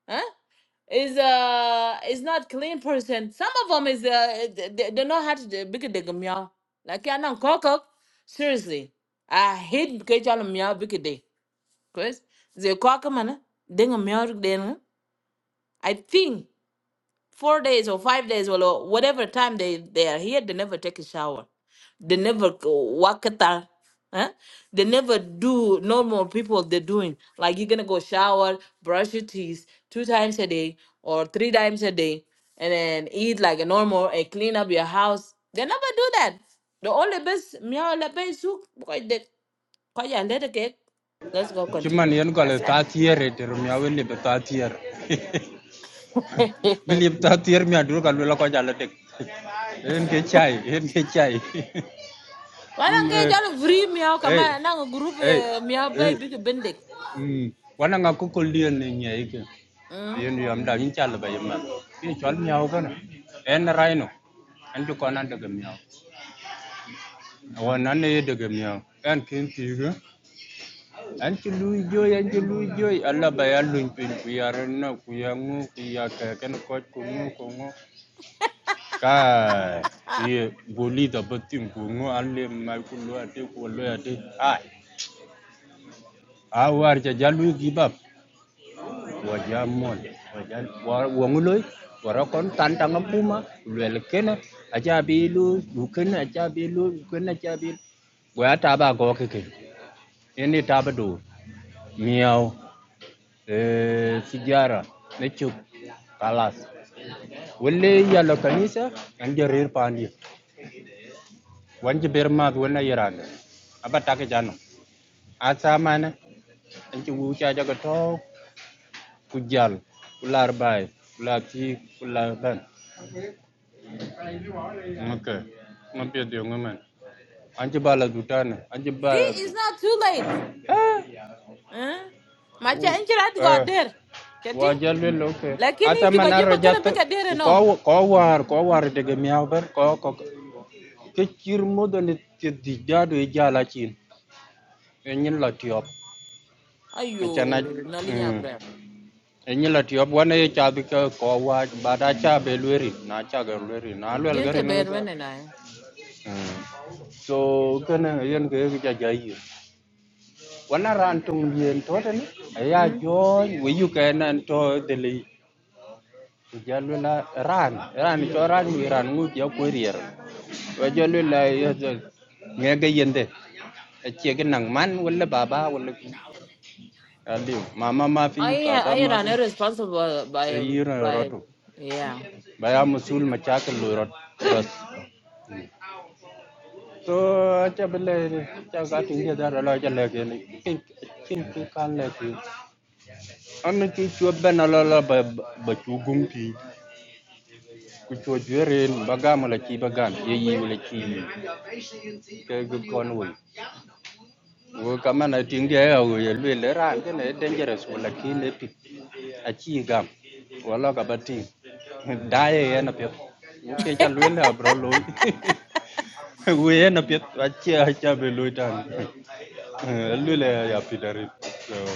Huh? Is uh is not clean person. Some of them is uh they, they don't know how to do big dig meow. Like yeah, no not cock up. Seriously, I hate catch all meow big day. Cause they cock man. Ding a meow then. I think four days or five days or whatever time they, they are here, they never take a shower. They never go walk at all. Huh? They never do normal people they're doing. Like you're gonna go shower, brush your teeth two times a day or three times a day, and then eat like a normal and clean up your house. They never do that. The only best meow la pay soup because they because you let let's go
chiman
continue.
yen ko le
That's
ta tiere de miao yen le ta tiere
it.
mi le ta tiere mi adur ka lo ko jala de yen ke chai yen ke chai
Wala
Mm,
nge
eh
jalo free meow kama
eh
nang group
eh
eh, meow bay
eh
big bending.
mm. wana nga ko ko lien ne nyai ke
Mm.
yin yom da yin chal ba yim yin chol miao kana en rai no en du konan de miao won nan ne de miao en kin ti ga an ti lu jo yan ti lu jo alla ba ya lu pin ku ya ren na ku ya ngu ku ya ka ken ko ku ngu ku ngu ka ye goli da batim ku ngu alle mai ku lo ate ku lo ate ai a war ja jalu gi bab wajamon wajan wa- wanguloi warakon tantang puma lelekena ajabilu bukan ajabilu bukan ajabilu gua taba go keke ini taba do miau eh sigara nechuk kalas welle yalo kanisa ande rir pandi wanje berma wona yirande aba take jano asa mana anci wuca jaga to kujal kular bay kular ti ban Okay. Napia diyo ngamen. Anji bala du tane. Anji
See,
bala du.
it's not too late.
Eh.
Mm. Macha
u-
inchirat go
Eh.
there. Jadi,
Wajalwe loke.
lakini
Ata
juba
manara
juba kana
jato.
beka there
u
no.
Ko ko war ko war dege miaber ko ko ke chir modo ne ti di jado e jala chin. Enyin la tiop. Ne chana
Ayo, nalinya
mm.
bra.
Enyin la tiop wana e chabi ke ko wa bada cha be lweri na cha ga lweri na lwel
Dien
gare
ke
ne
ber
ga.
wene na. eh.
Mm. So kana yen ke ga jayi. wana ran tung yin to ten ya
Mm.
jo we you can and to the li jalula ran ran cho ran wi ran ngu ya ko rier wa jalula ya nge ga yende che ga nang man wala baba wala ki ali mama ma fi
I
baba
I
ma
ran
fi
responsible by
yira
by
roto
yeah.
baya musul ma cha ka lu rot bas so cha bele cha ga tinge da ra la cha le ke ni kin kin kan le An cu cuot ben alala ba ba cu gumpi ku cuot juerin bagam la ci bagam ye yi la ci ke gu kon wi wo kamana ting dia ya wo ye le le ran ke ne dangerous wala ki le pi a ci gam wala ka batin da ye ye na pe wo ke cha le la bro loy wo ye na pe a ci a cha be loy tan le le ya pi dari so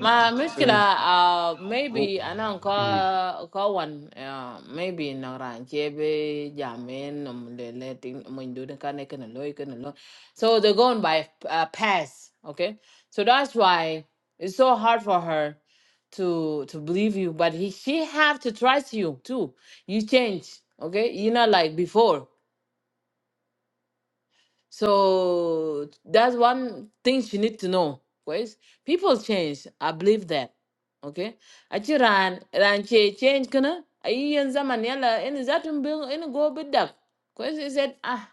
My muscular, uh, maybe I know, ko
eh, eh,
ko one, uh, maybe na ran chebe jamen um the letting mun do ka ne kan loy kan lo so they're going by uh, pass okay so that's why it's so hard for her to to believe you but he, she have to trust you too you change okay you're not like before so that's one thing you need to know. Because people change. I believe that. Okay. Achi ran ran che change kana. Ayi yan zaman yala in zatum bil in go bit dak. Because he said ah.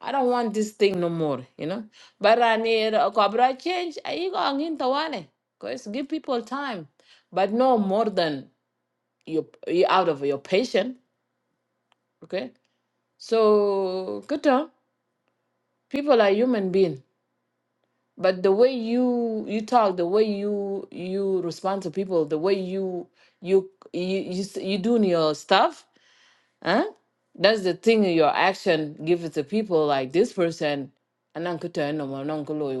I don't want this thing no more, you know. But I need cobra change. I go angin tawane. Cause give people time, but no more than you you out of your patient. Okay. So kuta people are human being. but the way you you talk the way you you respond to people the way you you you you, s- you doing your stuff huh that's the thing your action give it to people like this person and then could turn them, and then could lower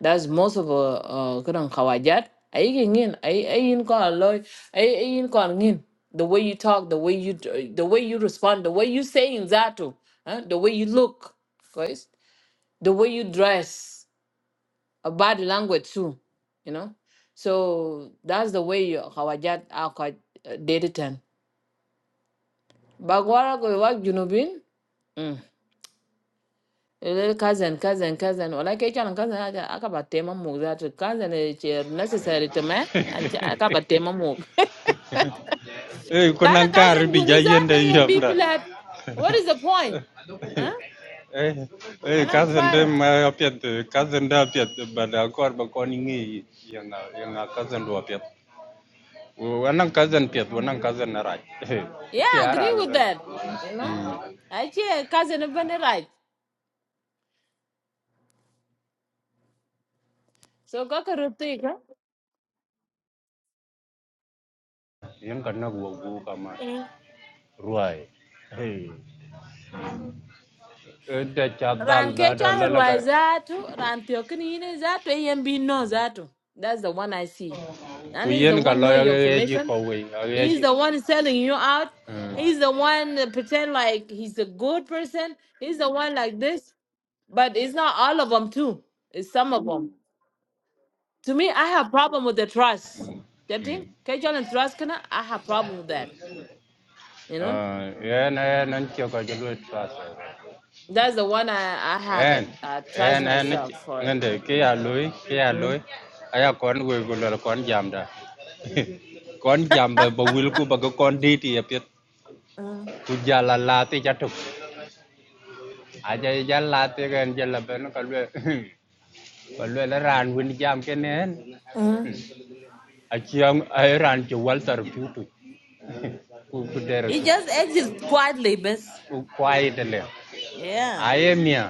that's most of uh uh kid on kawajat I in I in call loy I in call in the way you talk the way you d- the way you respond the way you say in that too huh? the way you look guys the way you dress a bad language too, you know. So that's the way you- Hawajat are quite uh, dated. and- Bagwara go work Junubin. Mm. Little cousin, cousin, cousin. Well, like each and cousin, I acaba tema move that cousin is uh, necessary to me. I acaba tema move. Lana cousin, you need that and be flat. What is the point? Huh? Kalam I fire
எங்கள் அக்கா சேர்ந்து பார்த்தியா ஒன்னா cousin pia tu wana cousin na raj
Yeah,
che
I agree
arano
with
ben
that. You know, I cheer cousin, a right. So, cocker, take, huh?
yen kanna go go kama ruai da cha dal
Ran
da
ke
da la
chon
la ka
ruai zatu, ran tiokini zatu, AMB no zatu. That's the one I see.
ku
And he's the
yen ka
one
lo
know
ya
your
ge ji
information.
ko we ya ge
He's
ji
the one selling you out.
mm
He's the one that pretend like he's a good person. He's the one like this. But it's not all of them too. It's some of them. To me, I have problem with the trust. That
mm
thing, Kechon and trust kana, I have problem with that. You know,
eh yen yen nan che ka ju lu tra sa
that's the one I I have
en
it. I trust
en en ich-
myself for it.
ngende ke ya loy ke ya
Mm.
loy aya kon we go lor kon jamda kon jamba ba wil ku ba ko kon diti ya pet tu jala lati jatuk aja jala lati gen jala ben ka lwe ka lwe la ran win jam kenen
Mm.
a chiang ai ran chi walter putu ku ku der
He
tu
just exits quietly, but
ku kwai de le
yeah.
aye mia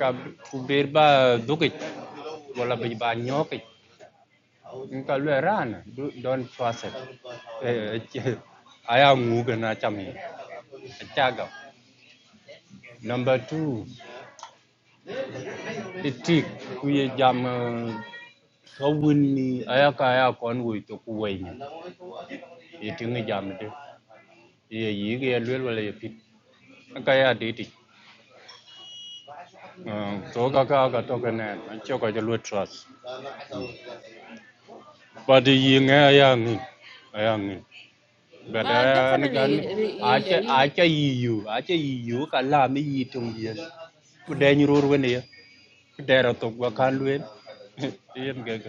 ka ku ber ba dukit wala ba ba nyokit Nka lwerana Do- don't trust it. Eh, eh, aya nguga na chami chaga number 2 itik kuye jam eh, kawuni aya ka aya kon wo to kuwen itingi jam de ye yige lwel wala ye pit ka ya de ti to ka ka ka to ka ne choko je lwe trust but yi nga aya ngi aya ngi but
Ma,
aya ni
definitely
ga ni
y- y-
acha
y-
acha yiyu acha yiyu ka la mi yitung yen
Mm.
udeenyirur wen ya dera to gwa kan luen yen enggak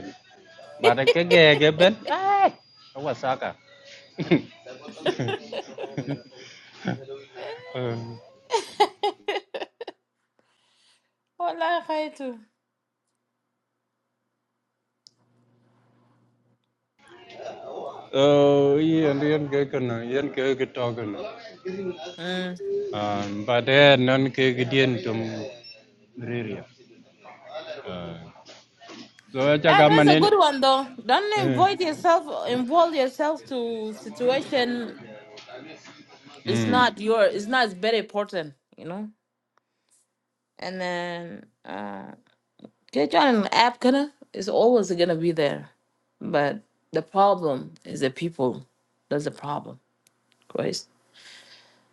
bare ke gege ben ai awa saka
y- Wallahi, Khaitu.
Oh, iya yen gegen yen gege togen
Mm.
ba de nan ke gidien tum riria so ja
Yeah, that's a good
gamane
one though. Don't
eh
involve yourself involve yourself to situation it's
mm
not your it's not it's very important, you know? And then uh get on an app gonna it's always gonna be there. But the problem is the people. That's the problem.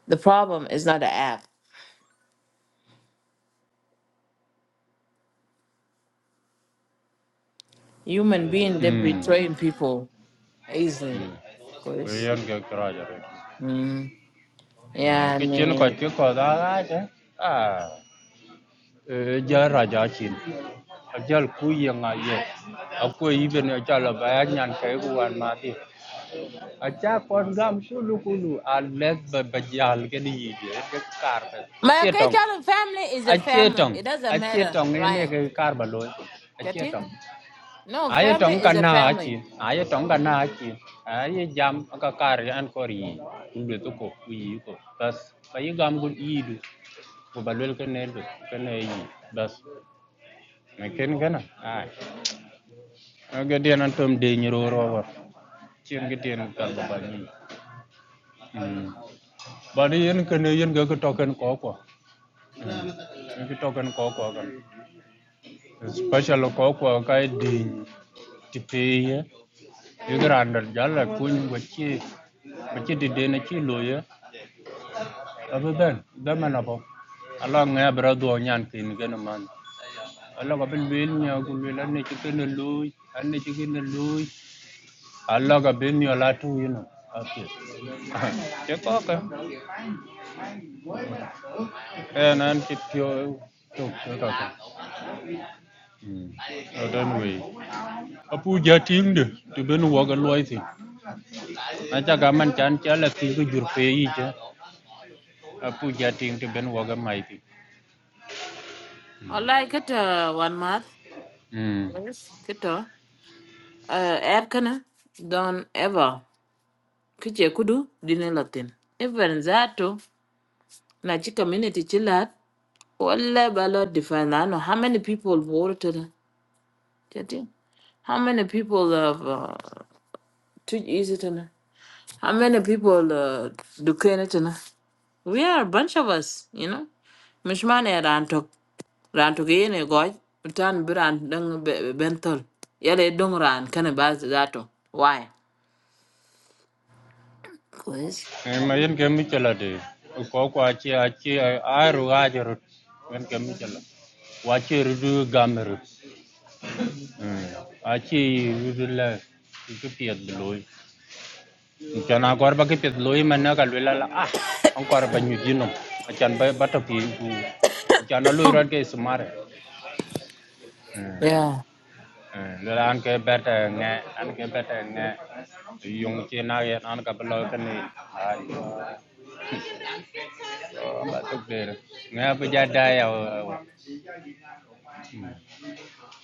The problem is not the app. Human being they
mm
betraying people easily, of course.
yen ge kraja re
Mm. Yeah, I
ke chen ko
mean,
ke ko da ga ja ah ja raja chin ajal ku yanga ye akwe iben ajal ba nyan ke ku an ma di acha kon gam shulu kulu a let ba bajal ke ni ye ke kar ba
My
che tong
Kachala family is a
a che
family.
tong
It doesn't
a che
matter,
tong ye ne
Ryan.
ke kar ba lo a che
Getting?
tong
No,
a ye
family
tong
is
kan
a
na a chi
family.
a ye cả kan na a chi a ye jam ka kar an kor yi ku le to ko ku yi ko bas ka ye gam gun yi du ko ba lo ke ne do ke ne bas Makin kana? Ay. Ga diyan an tom de nyiro rower. Cien ga diyan kal ba ba ni. Mm. Ba de yen kana yen ga ka token ko ko. Mm.
Mm.
Yen token ko ko kan. Special ko ko ka de tipe ye ga randal jalla kun go ci ba ci de de na ci lo ye. Abu ben da man Allah Ala nga bra do nyan kin gana man. Ala ko ben bel nya ku le lan ne ci kana loy. An ne ci alaga bin yo latu yino ake ke kaka e nan ki pyo to ke kaka mm odan we apu ja ting de to ben wo ga loy thi na cha ga man chan cha la ki ku jur pe yi cha apu ja ting to ben wo ga mai thi
I like it uh, one month.
mm
Yes. Kito. Uh, app kana. Don't ever. Kiche kudu. Dine latin. Even that too. Na chi community chilat. Wala balo define. I know how many people voted. Jadi, How many people of uh to use it in how many people uh do it in we are a bunch of us, you know. Mishmane rantok rantok yene goy utan biran dung be- bentol. Yale dung ran kana baz zato. Why? Cause
e ma yen ke mi chala de ko ko a che a che a ru ga jer yen ke mi chala wa che ru du ga mer mm a che ru du la ki ku piet de loy Chan agora ba kipit loy man na kalwela la ah ang kwara ba không, ginom. Chan ba ba tapi ku chan na loy ran ke sumare.
yeah.
Lola an ke bet nge an ke bet nge yung chi na ye an ka blo ka ni. Ai. Ba tuk de. Nge ba ja da ya.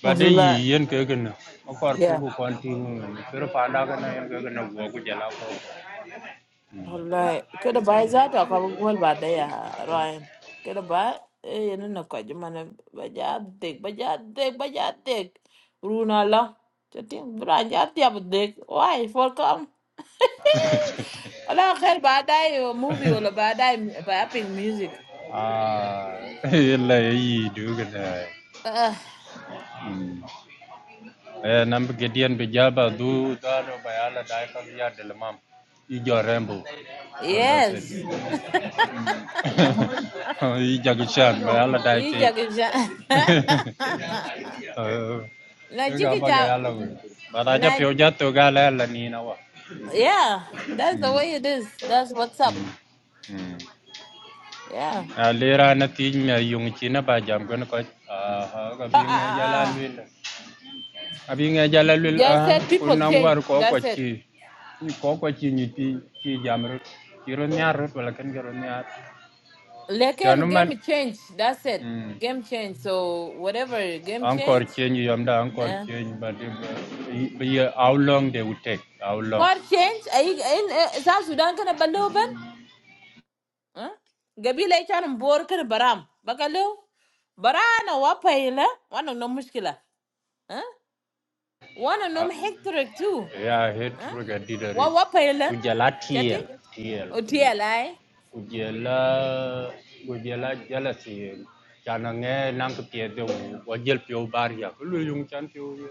Ba de
Wasn't
yi yen ke ke na. Ma kwar pu
that?
ku kon ti ngu. Pero pa da ka cái này ke cái na wo ku ja la ko.
والله كده باي ذاته أقوى بقول بعدها راين كده باي إيه ننقى جمانة بجادك بجادك بجادك رونا لا جاتين براجات يا بدك واي فولكم ولا خير بعدها موفي ولا بعدها بابين ميوزك
Ah. Yen la yi du ke na.
آه
Eh, nambi gediyen bi jaba du daro bayala dai kam ya delmam. I jo rembo. Oh, that's it.
يس
Ijagishan by Allah Daya.
يجاك جا
Uh, Gagabagayala. But I jagishan bayala dai ke. Eh, ke ga
Najiki
ba ga
ja,
yala we. Ba da ja
Naj,
pyo ja to ga la la ni na wa.
yeah, that's the
Mm.
way it is. That's what's up.
Mm. Mm.
Yeah.
A lera na ti nya yung chi na ba jam gon ko. Ah, ha ga bi
Ah,
nge jala
ah,
lwela. abi nge jala lul a
Just that
kun
people
nan war
change.
ko ko
That's
ci
it.
ni ko ko ci ni ti ci jamru ci nyar wala ken garo nyar
Like
janu
and game change. That's it.
mm
Game change. So whatever game
encore
change.
change yom da encore
Uh,
change but if- but yeah, how long they would take how long
Core change. Ay in eh, South Sudan kana balu ben. Huh? Gabi lay chan bor kana baram. Bakalu. Barana wa paila. Wana no mushkila. Huh? Wana
Ya
no hectare too.
yeah hit
Huh?
ruga didari
Wa wa
ku
paila.
jala
Chati?
tiel tiel ku-
Otiala.
ku jala ku jala jala tiel chana nang ke pie de pio bar ya ku lu yung chan pio ya.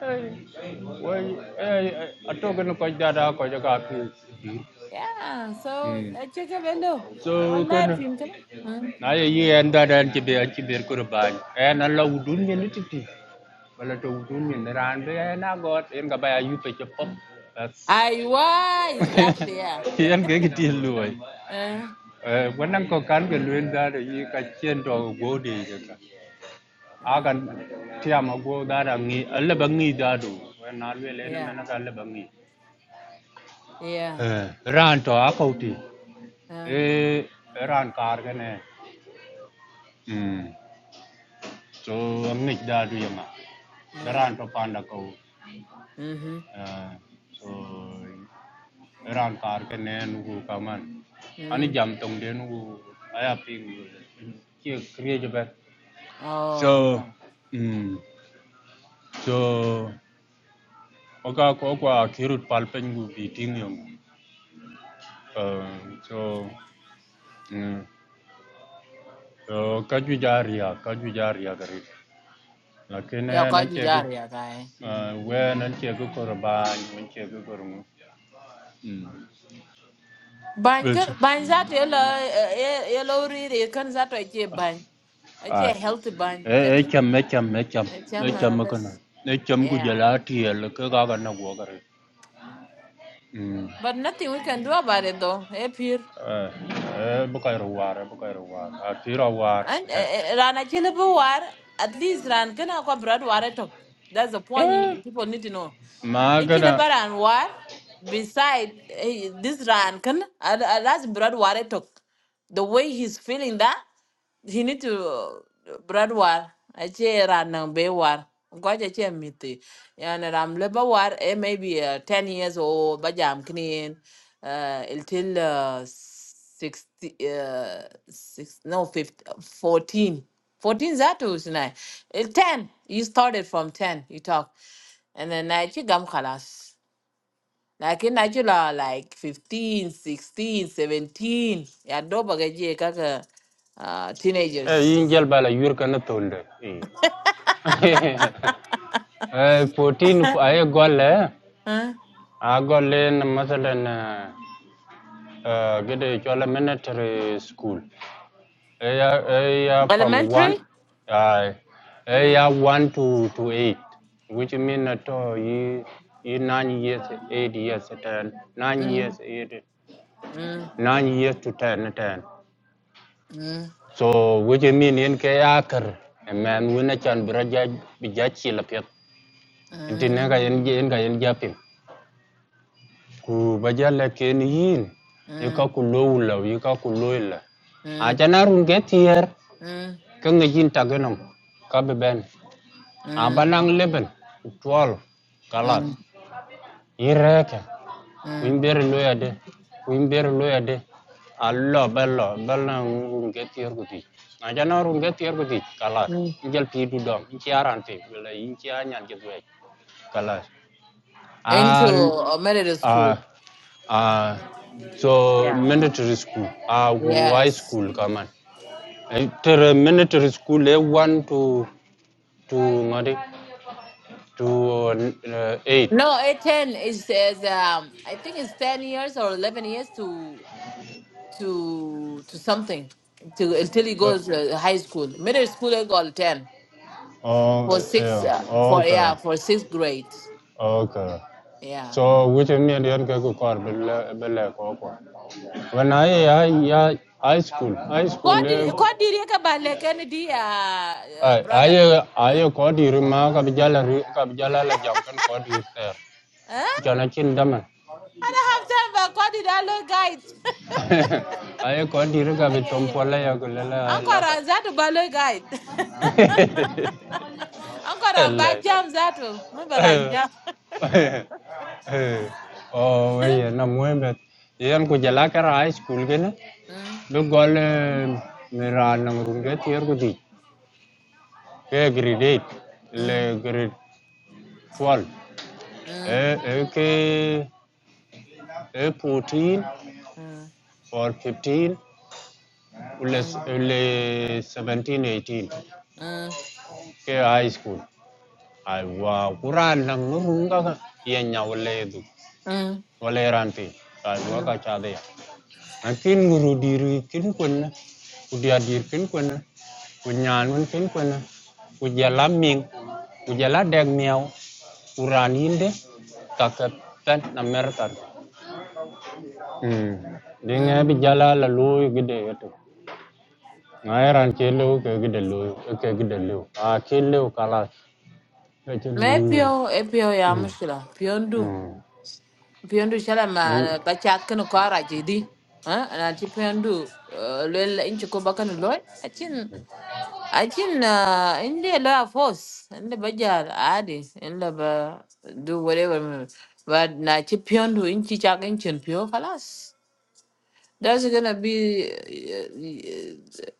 Ei, Voi, ei, ei, atogeno ko dada ko jaga pi.
Yeah. So
Mm.
I check a bello. All
So
that.
kan
Hmm.
na ye ye enda dan ci be ci be ko ban. E na la wudun ni titi. Wala to wudun ni ran be na got en ga baya yupe ci pop. That's
Aiwa, exactly, yeah.
Yan ke ki til luwai.
Uh,
Eh wannan ko kan ga luen da da yi ka cien to gode ka.
yeah,
Agan tiya ma go da da ngi alla bangi da do. Wa na lue le na
yeah,
mena ka alla bangi.
yeah,
예. Ranto akauti.
uh,
E ran kar kene. 음. So amik da duyama.
yeah.
Ranto panda kau.
Mm-hmm.
Eh, So ran kar kene nugu kaman. Ani
Mm.
jam tong de nugu aya ping. Kia kriya jabat.
Oh,
So,
yeah.
mm, so, oka ko kwa kirut palpengu biting yung. Uh, so, mm, so kaju jaria, kaju jaria kari.
Yeah,
Lakini na
quite
che
bizarre, yeah, guy.
Uh, we nan ce ga kurban mun ce ga gurmu
Bang,
Vece.
kan- bang that yellow, uh, yellow really, can that I get bang. I
ai
get healthy bang,
e e
chatting.
cham e cham e cham
I tell
e
my
cham ko na
best.
e cham ku
Yeah.
jala ti el ka ga ga na go ga re mm
But nothing we can do about it though. Hey, Pierre.
e bu ka ro war bu ka ro war a ti ro war
And
he
uh, ran a chillable war, at least ran gonna go broad war at all. That's the
e
point you- people need to know.
ma
In
ga na
Chilabar and war, beside eh, this ran can uh, uh, that's broad war at all. The way he's feeling that, he need to uh, broad war. I che ran and be war. Gwaja che miti. And ram labor war, eh, maybe uh, 10 years old, but jam clean, uh, until uh, 60 uh six no 50 uh, 14 14 zatu tonight 10 you started from 10 you talk and then I you gum khalas like in Nigeria like fifteen, sixteen, seventeen. Ya 17 yeah doba gaje kaka uh
e
teenagers
yin jel bala yur ka na tolde e 14 ay gol e
huh
a gol en masalan gede chola military school area area from one
elementary
uh, area
mm
one to, to eight, which mean that uh, you you nine years, eight years, ten, nine years,
mm
eight,
mm
nine years to ten, ten.
mm
So which mean in kayakar, a man win a chan braja bijachi lapit. Intinaga in
mm
jenga in japim. Ku bajala ken yin,
mm
yukakulola, yukakulola.
mm mm
Ajana run get here,
mm
kangajin taganum, kabe ben. Abalang
mm
leben, twelve, kalas.
mm
Ireke, wimber loya de, wimber loya de. Allo, bello, bello runget yerguti. Ajana runget yerguti, kalas.
mm
Injal pidu dom, inci aran fi, bila inci anyan gitu ya, kalas.
into
Al,
a middle
ah,
school.
ah, so
Yeah.
mandatory school, ah, high
Yes.
school kaman. Eh, mandatory school, eh, one to, to ngadi, to uh, eight.
No, at ten it says um I think it's ten years or eleven years to to to something to until he
Uh,
goes uh, high school. Middle school they call ten
Oh,
for six
yeah.
uh,
Oh,
for yeah
Okay.
for sixth grade.
Oh, Okay.
Yeah.
So which mean you can go to car bele bele ko ko. When I I I high school, high school
What did
le
what did you get by like any day, uh, uh,
I
brother? Huh?
I I ko di ruma ka bijala ri- ka bijala la jam kan ko di ser.
Huh?
Jana chin dama.
I don't have time for what did I look guide?
I ko di ri ka
Ah,
bi
yeah
tom
yeah
pola
yeah.
ya ko le la
Uncle
la ka.
Razat Balo guide. Anko ramba
Hello.
jam zato. Mba jam.
Oh, we na muembet. Yan ku jala kara high school gele.
Mm,
Legal Miran Namurunget Yergudi, ke grade eight,
mm,
le grade twelve,
mm,
e e ke e fourteen
mm,
or fifteen, le s-
mm,
seventeen eighteen,
mm,
ke high school. Aiwa Quran Namurunga ka yenya wale du,
mm,
wale ranti, aiwa
mm,
ka chade ya. Akin guru diri kin kuna, udia dir kin kuna, kunyan kun kin kuna, ujala ming, ujala deg uraniinde taka pent na mertar mm. di nga bi
mm.
jala la luyu ke gede lu ke gede lu. Ah ke lew kala lu. ke
Me
luyu
pio, e pio ya
mm.
mushkila. Pio ndu.
mm.
shala
bu
ma bacha kino kwa jidi. Ha? Na ti pio ndu. uh, Lwela inchi kuba kano loy. Achin, achin, na indi la force. Indi bajar adi. Indi ba do whatever. But na ti pio ndu inchi chak inchi pio. Khalas. That's gonna be uh,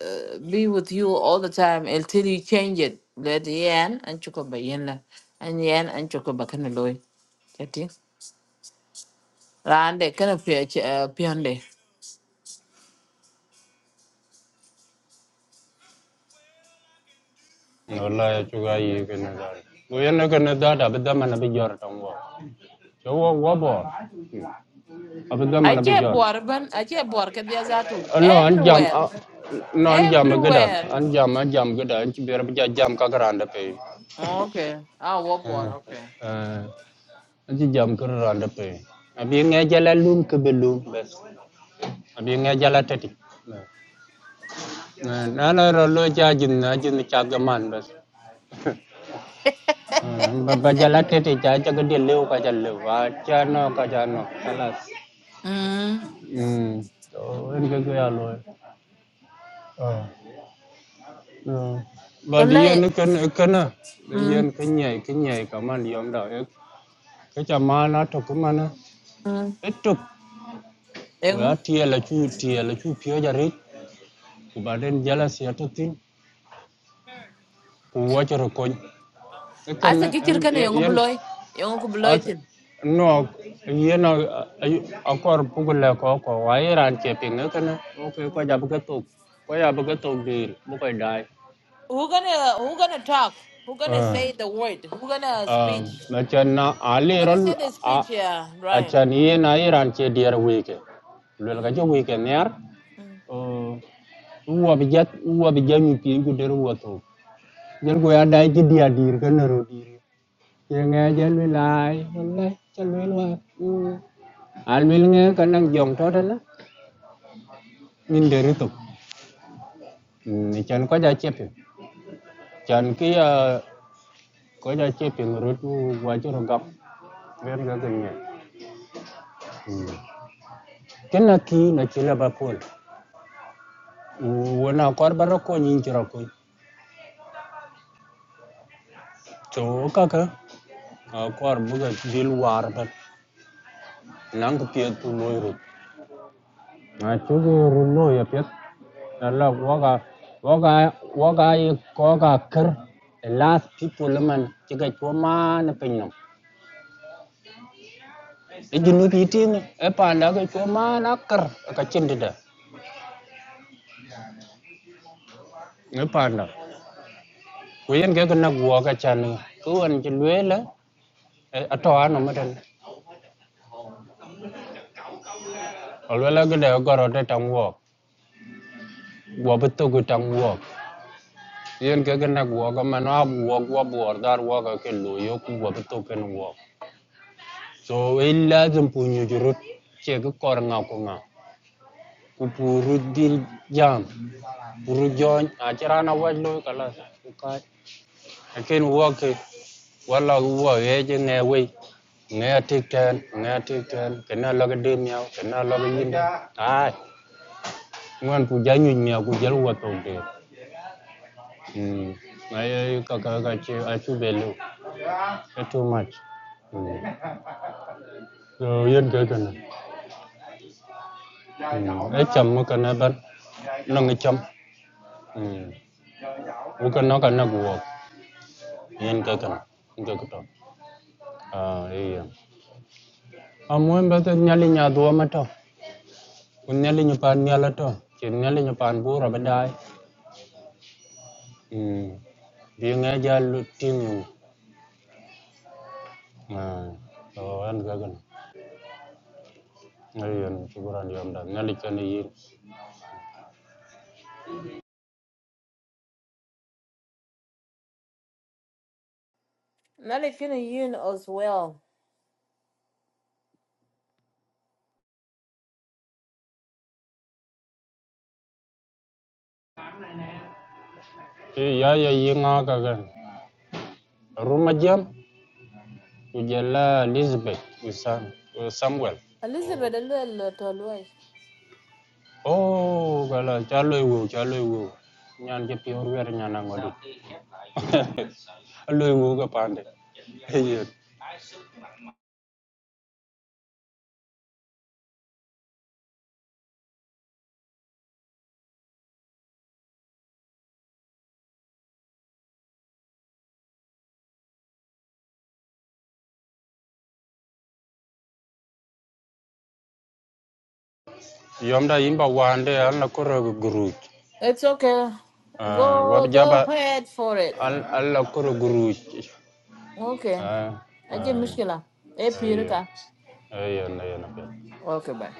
uh, be with you all the time until you change it. Let yan and chuko ba yen la, and yan and chuko ba kana loy. Kati. Rande kana pia pionde.
wala ya chuga yi ke na da bu ya na mana bi jor tan wabah. so wo mana bi
Ache boar ban, ache boar kadi azatu.
no an jam
Everywhere,
no an jam e gida
everywhere.
an jam an jam gida an ci ja jam ka garanda
Okay. Ah, wo boar. Okay.
aji jam kar randa pe abi nga jala lum ke be lum bes abi nga jala tati na na ro lo ja jin na jin cha ga man bes Hmm, ba ba jala tati cha cha ga de leu ka cha leu wa cha no ka cha no kalas
Mm.
hmm to en ga ga lo ah Hmm. ba di
Kole.
yen ken ken na di yen
Mm.
ken nyai ken nyai ka man yom da e. ke cha ma na to ku man ah.
Mm.
e to ku ya
Ewa.
tie la chu tie la chu pyo ja rit ku ba den jala sia tin wacoro kony
Asa
ken
kichir kana yongo
yen
buloy, yongo buloy
as
tin.
no yen akor pugule ko ko wa iran che ping ken o ke ko jab ke tok ko jab dir bu dai
Who gonna who gonna talk? Who gonna
ah
say the word? Who gonna speech?
na aliran na
Who
ali
gonna
ron
say the
a
speech? Yeah,
a
Brian.
chan yen na iran che dir wike lul ga
Mm.
jo wike ner
Mm.
o uwa bijat uwa bijami pi guder uwa tok jer go ya dai ji dia dir ken ro diri. nghe dân với lại hôm nay chân với là anh với nghe cái năng dùng đó đó là nhìn để rút tục chân có giá chép hiểu chân cái ờ, có giá chép hiểu rút qua chỗ nó gặp bên cái gần nhẹ cái là khi là chỉ là bà phun vừa nào có bà nó có nhìn chỗ rồi chỗ các cái có bà bây giờ đi luar bên nắng cái tiền tu lôi rồi à chỗ cái rồi lôi à biết Allah woka woka woka yi koka kir the last people man chiga choma na pinyam e jinu ki tin e panda ka choma na kir ka chindida e panda ku yen ke na woka chan ku an jilwela ato anu matan alwela ga da goro da tan wok wo bitu gu tan wok yen ke na woka man ab wok wo bor dar woka ke lo yo ku wo bitu ken wok so e lazim punyu jurut che ga kor nga ku nga kupurudil jam burujony aciran awach loi kalas ukat lakin woke wala wo yeje nge wei nge tik ten nge tik ten kena loge de miau kena loge yinde ai ngwan ku janyu miau ku jel wo to de mm ai ai chú về lưu, cái ka ka che achu belu it's too much rồi yên cái cái mm so yen ke kana mm ai cham ma kana ban nang cham mm u kana kana cái yen ke cái cái đó. Ah, iya. Amun bata nyali nya dua mato. Un nyali nya pan nyala to. Chin nyali nya pan bura badai. Hmm. Dia ngaja lu ting. Ah, so an gagan. Ngayon kuburan yom dan nyali kan yi.
Not if you you as well.
Ti ya ya yi nga gagan. Rumah jam ujala Elizabeth usan uh, Samuel.
Elizabeth, a little to away.
Oh, gala chalo iwu chalo iwu. Nyan ke pior wer nyana ngodi. Lu iwu ga pande. Iya. yomda yimba wande alla koro guruj
It's okay.
Ah, wab
Go
jaba
go ahead for it.
al- alla koro guruj
Okay.
Ah,
I get
ah,
mishkila. Eh,
ayya
pirika.
ayya na yana
Okay, bye.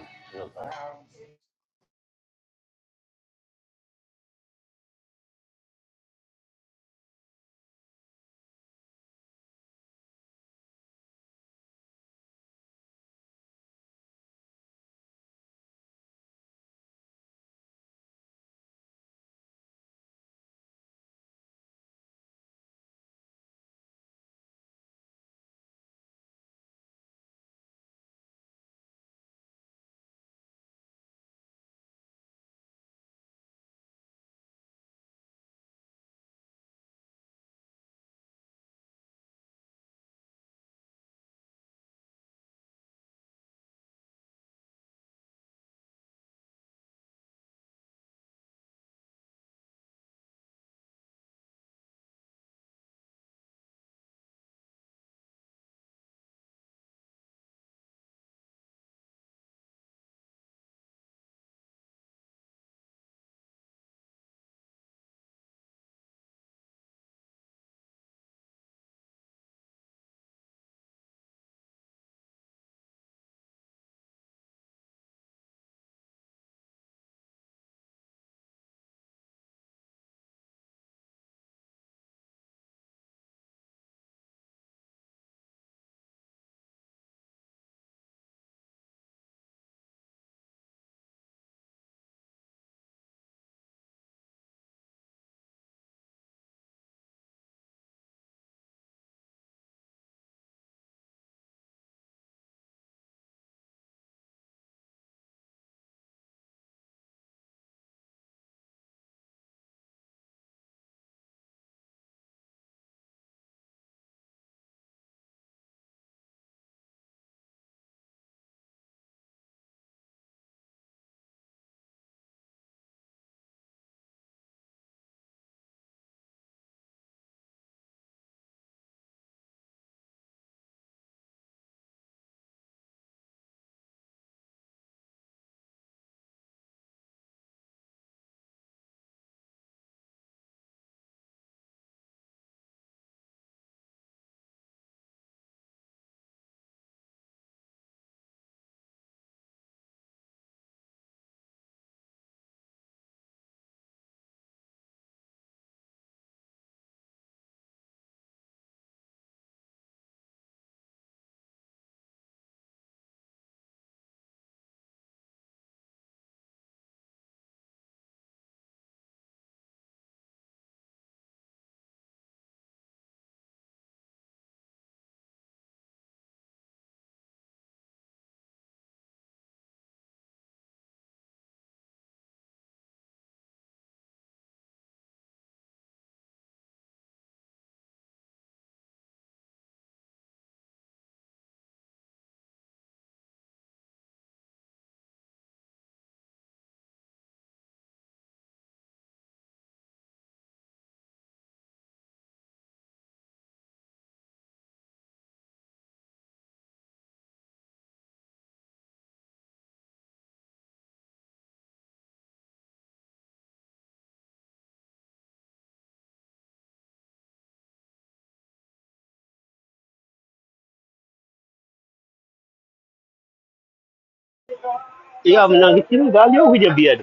Yo, mnangichiri galio wija biad.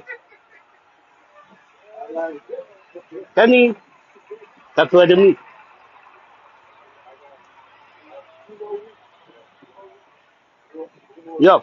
Kani, tatwede mi. Yo.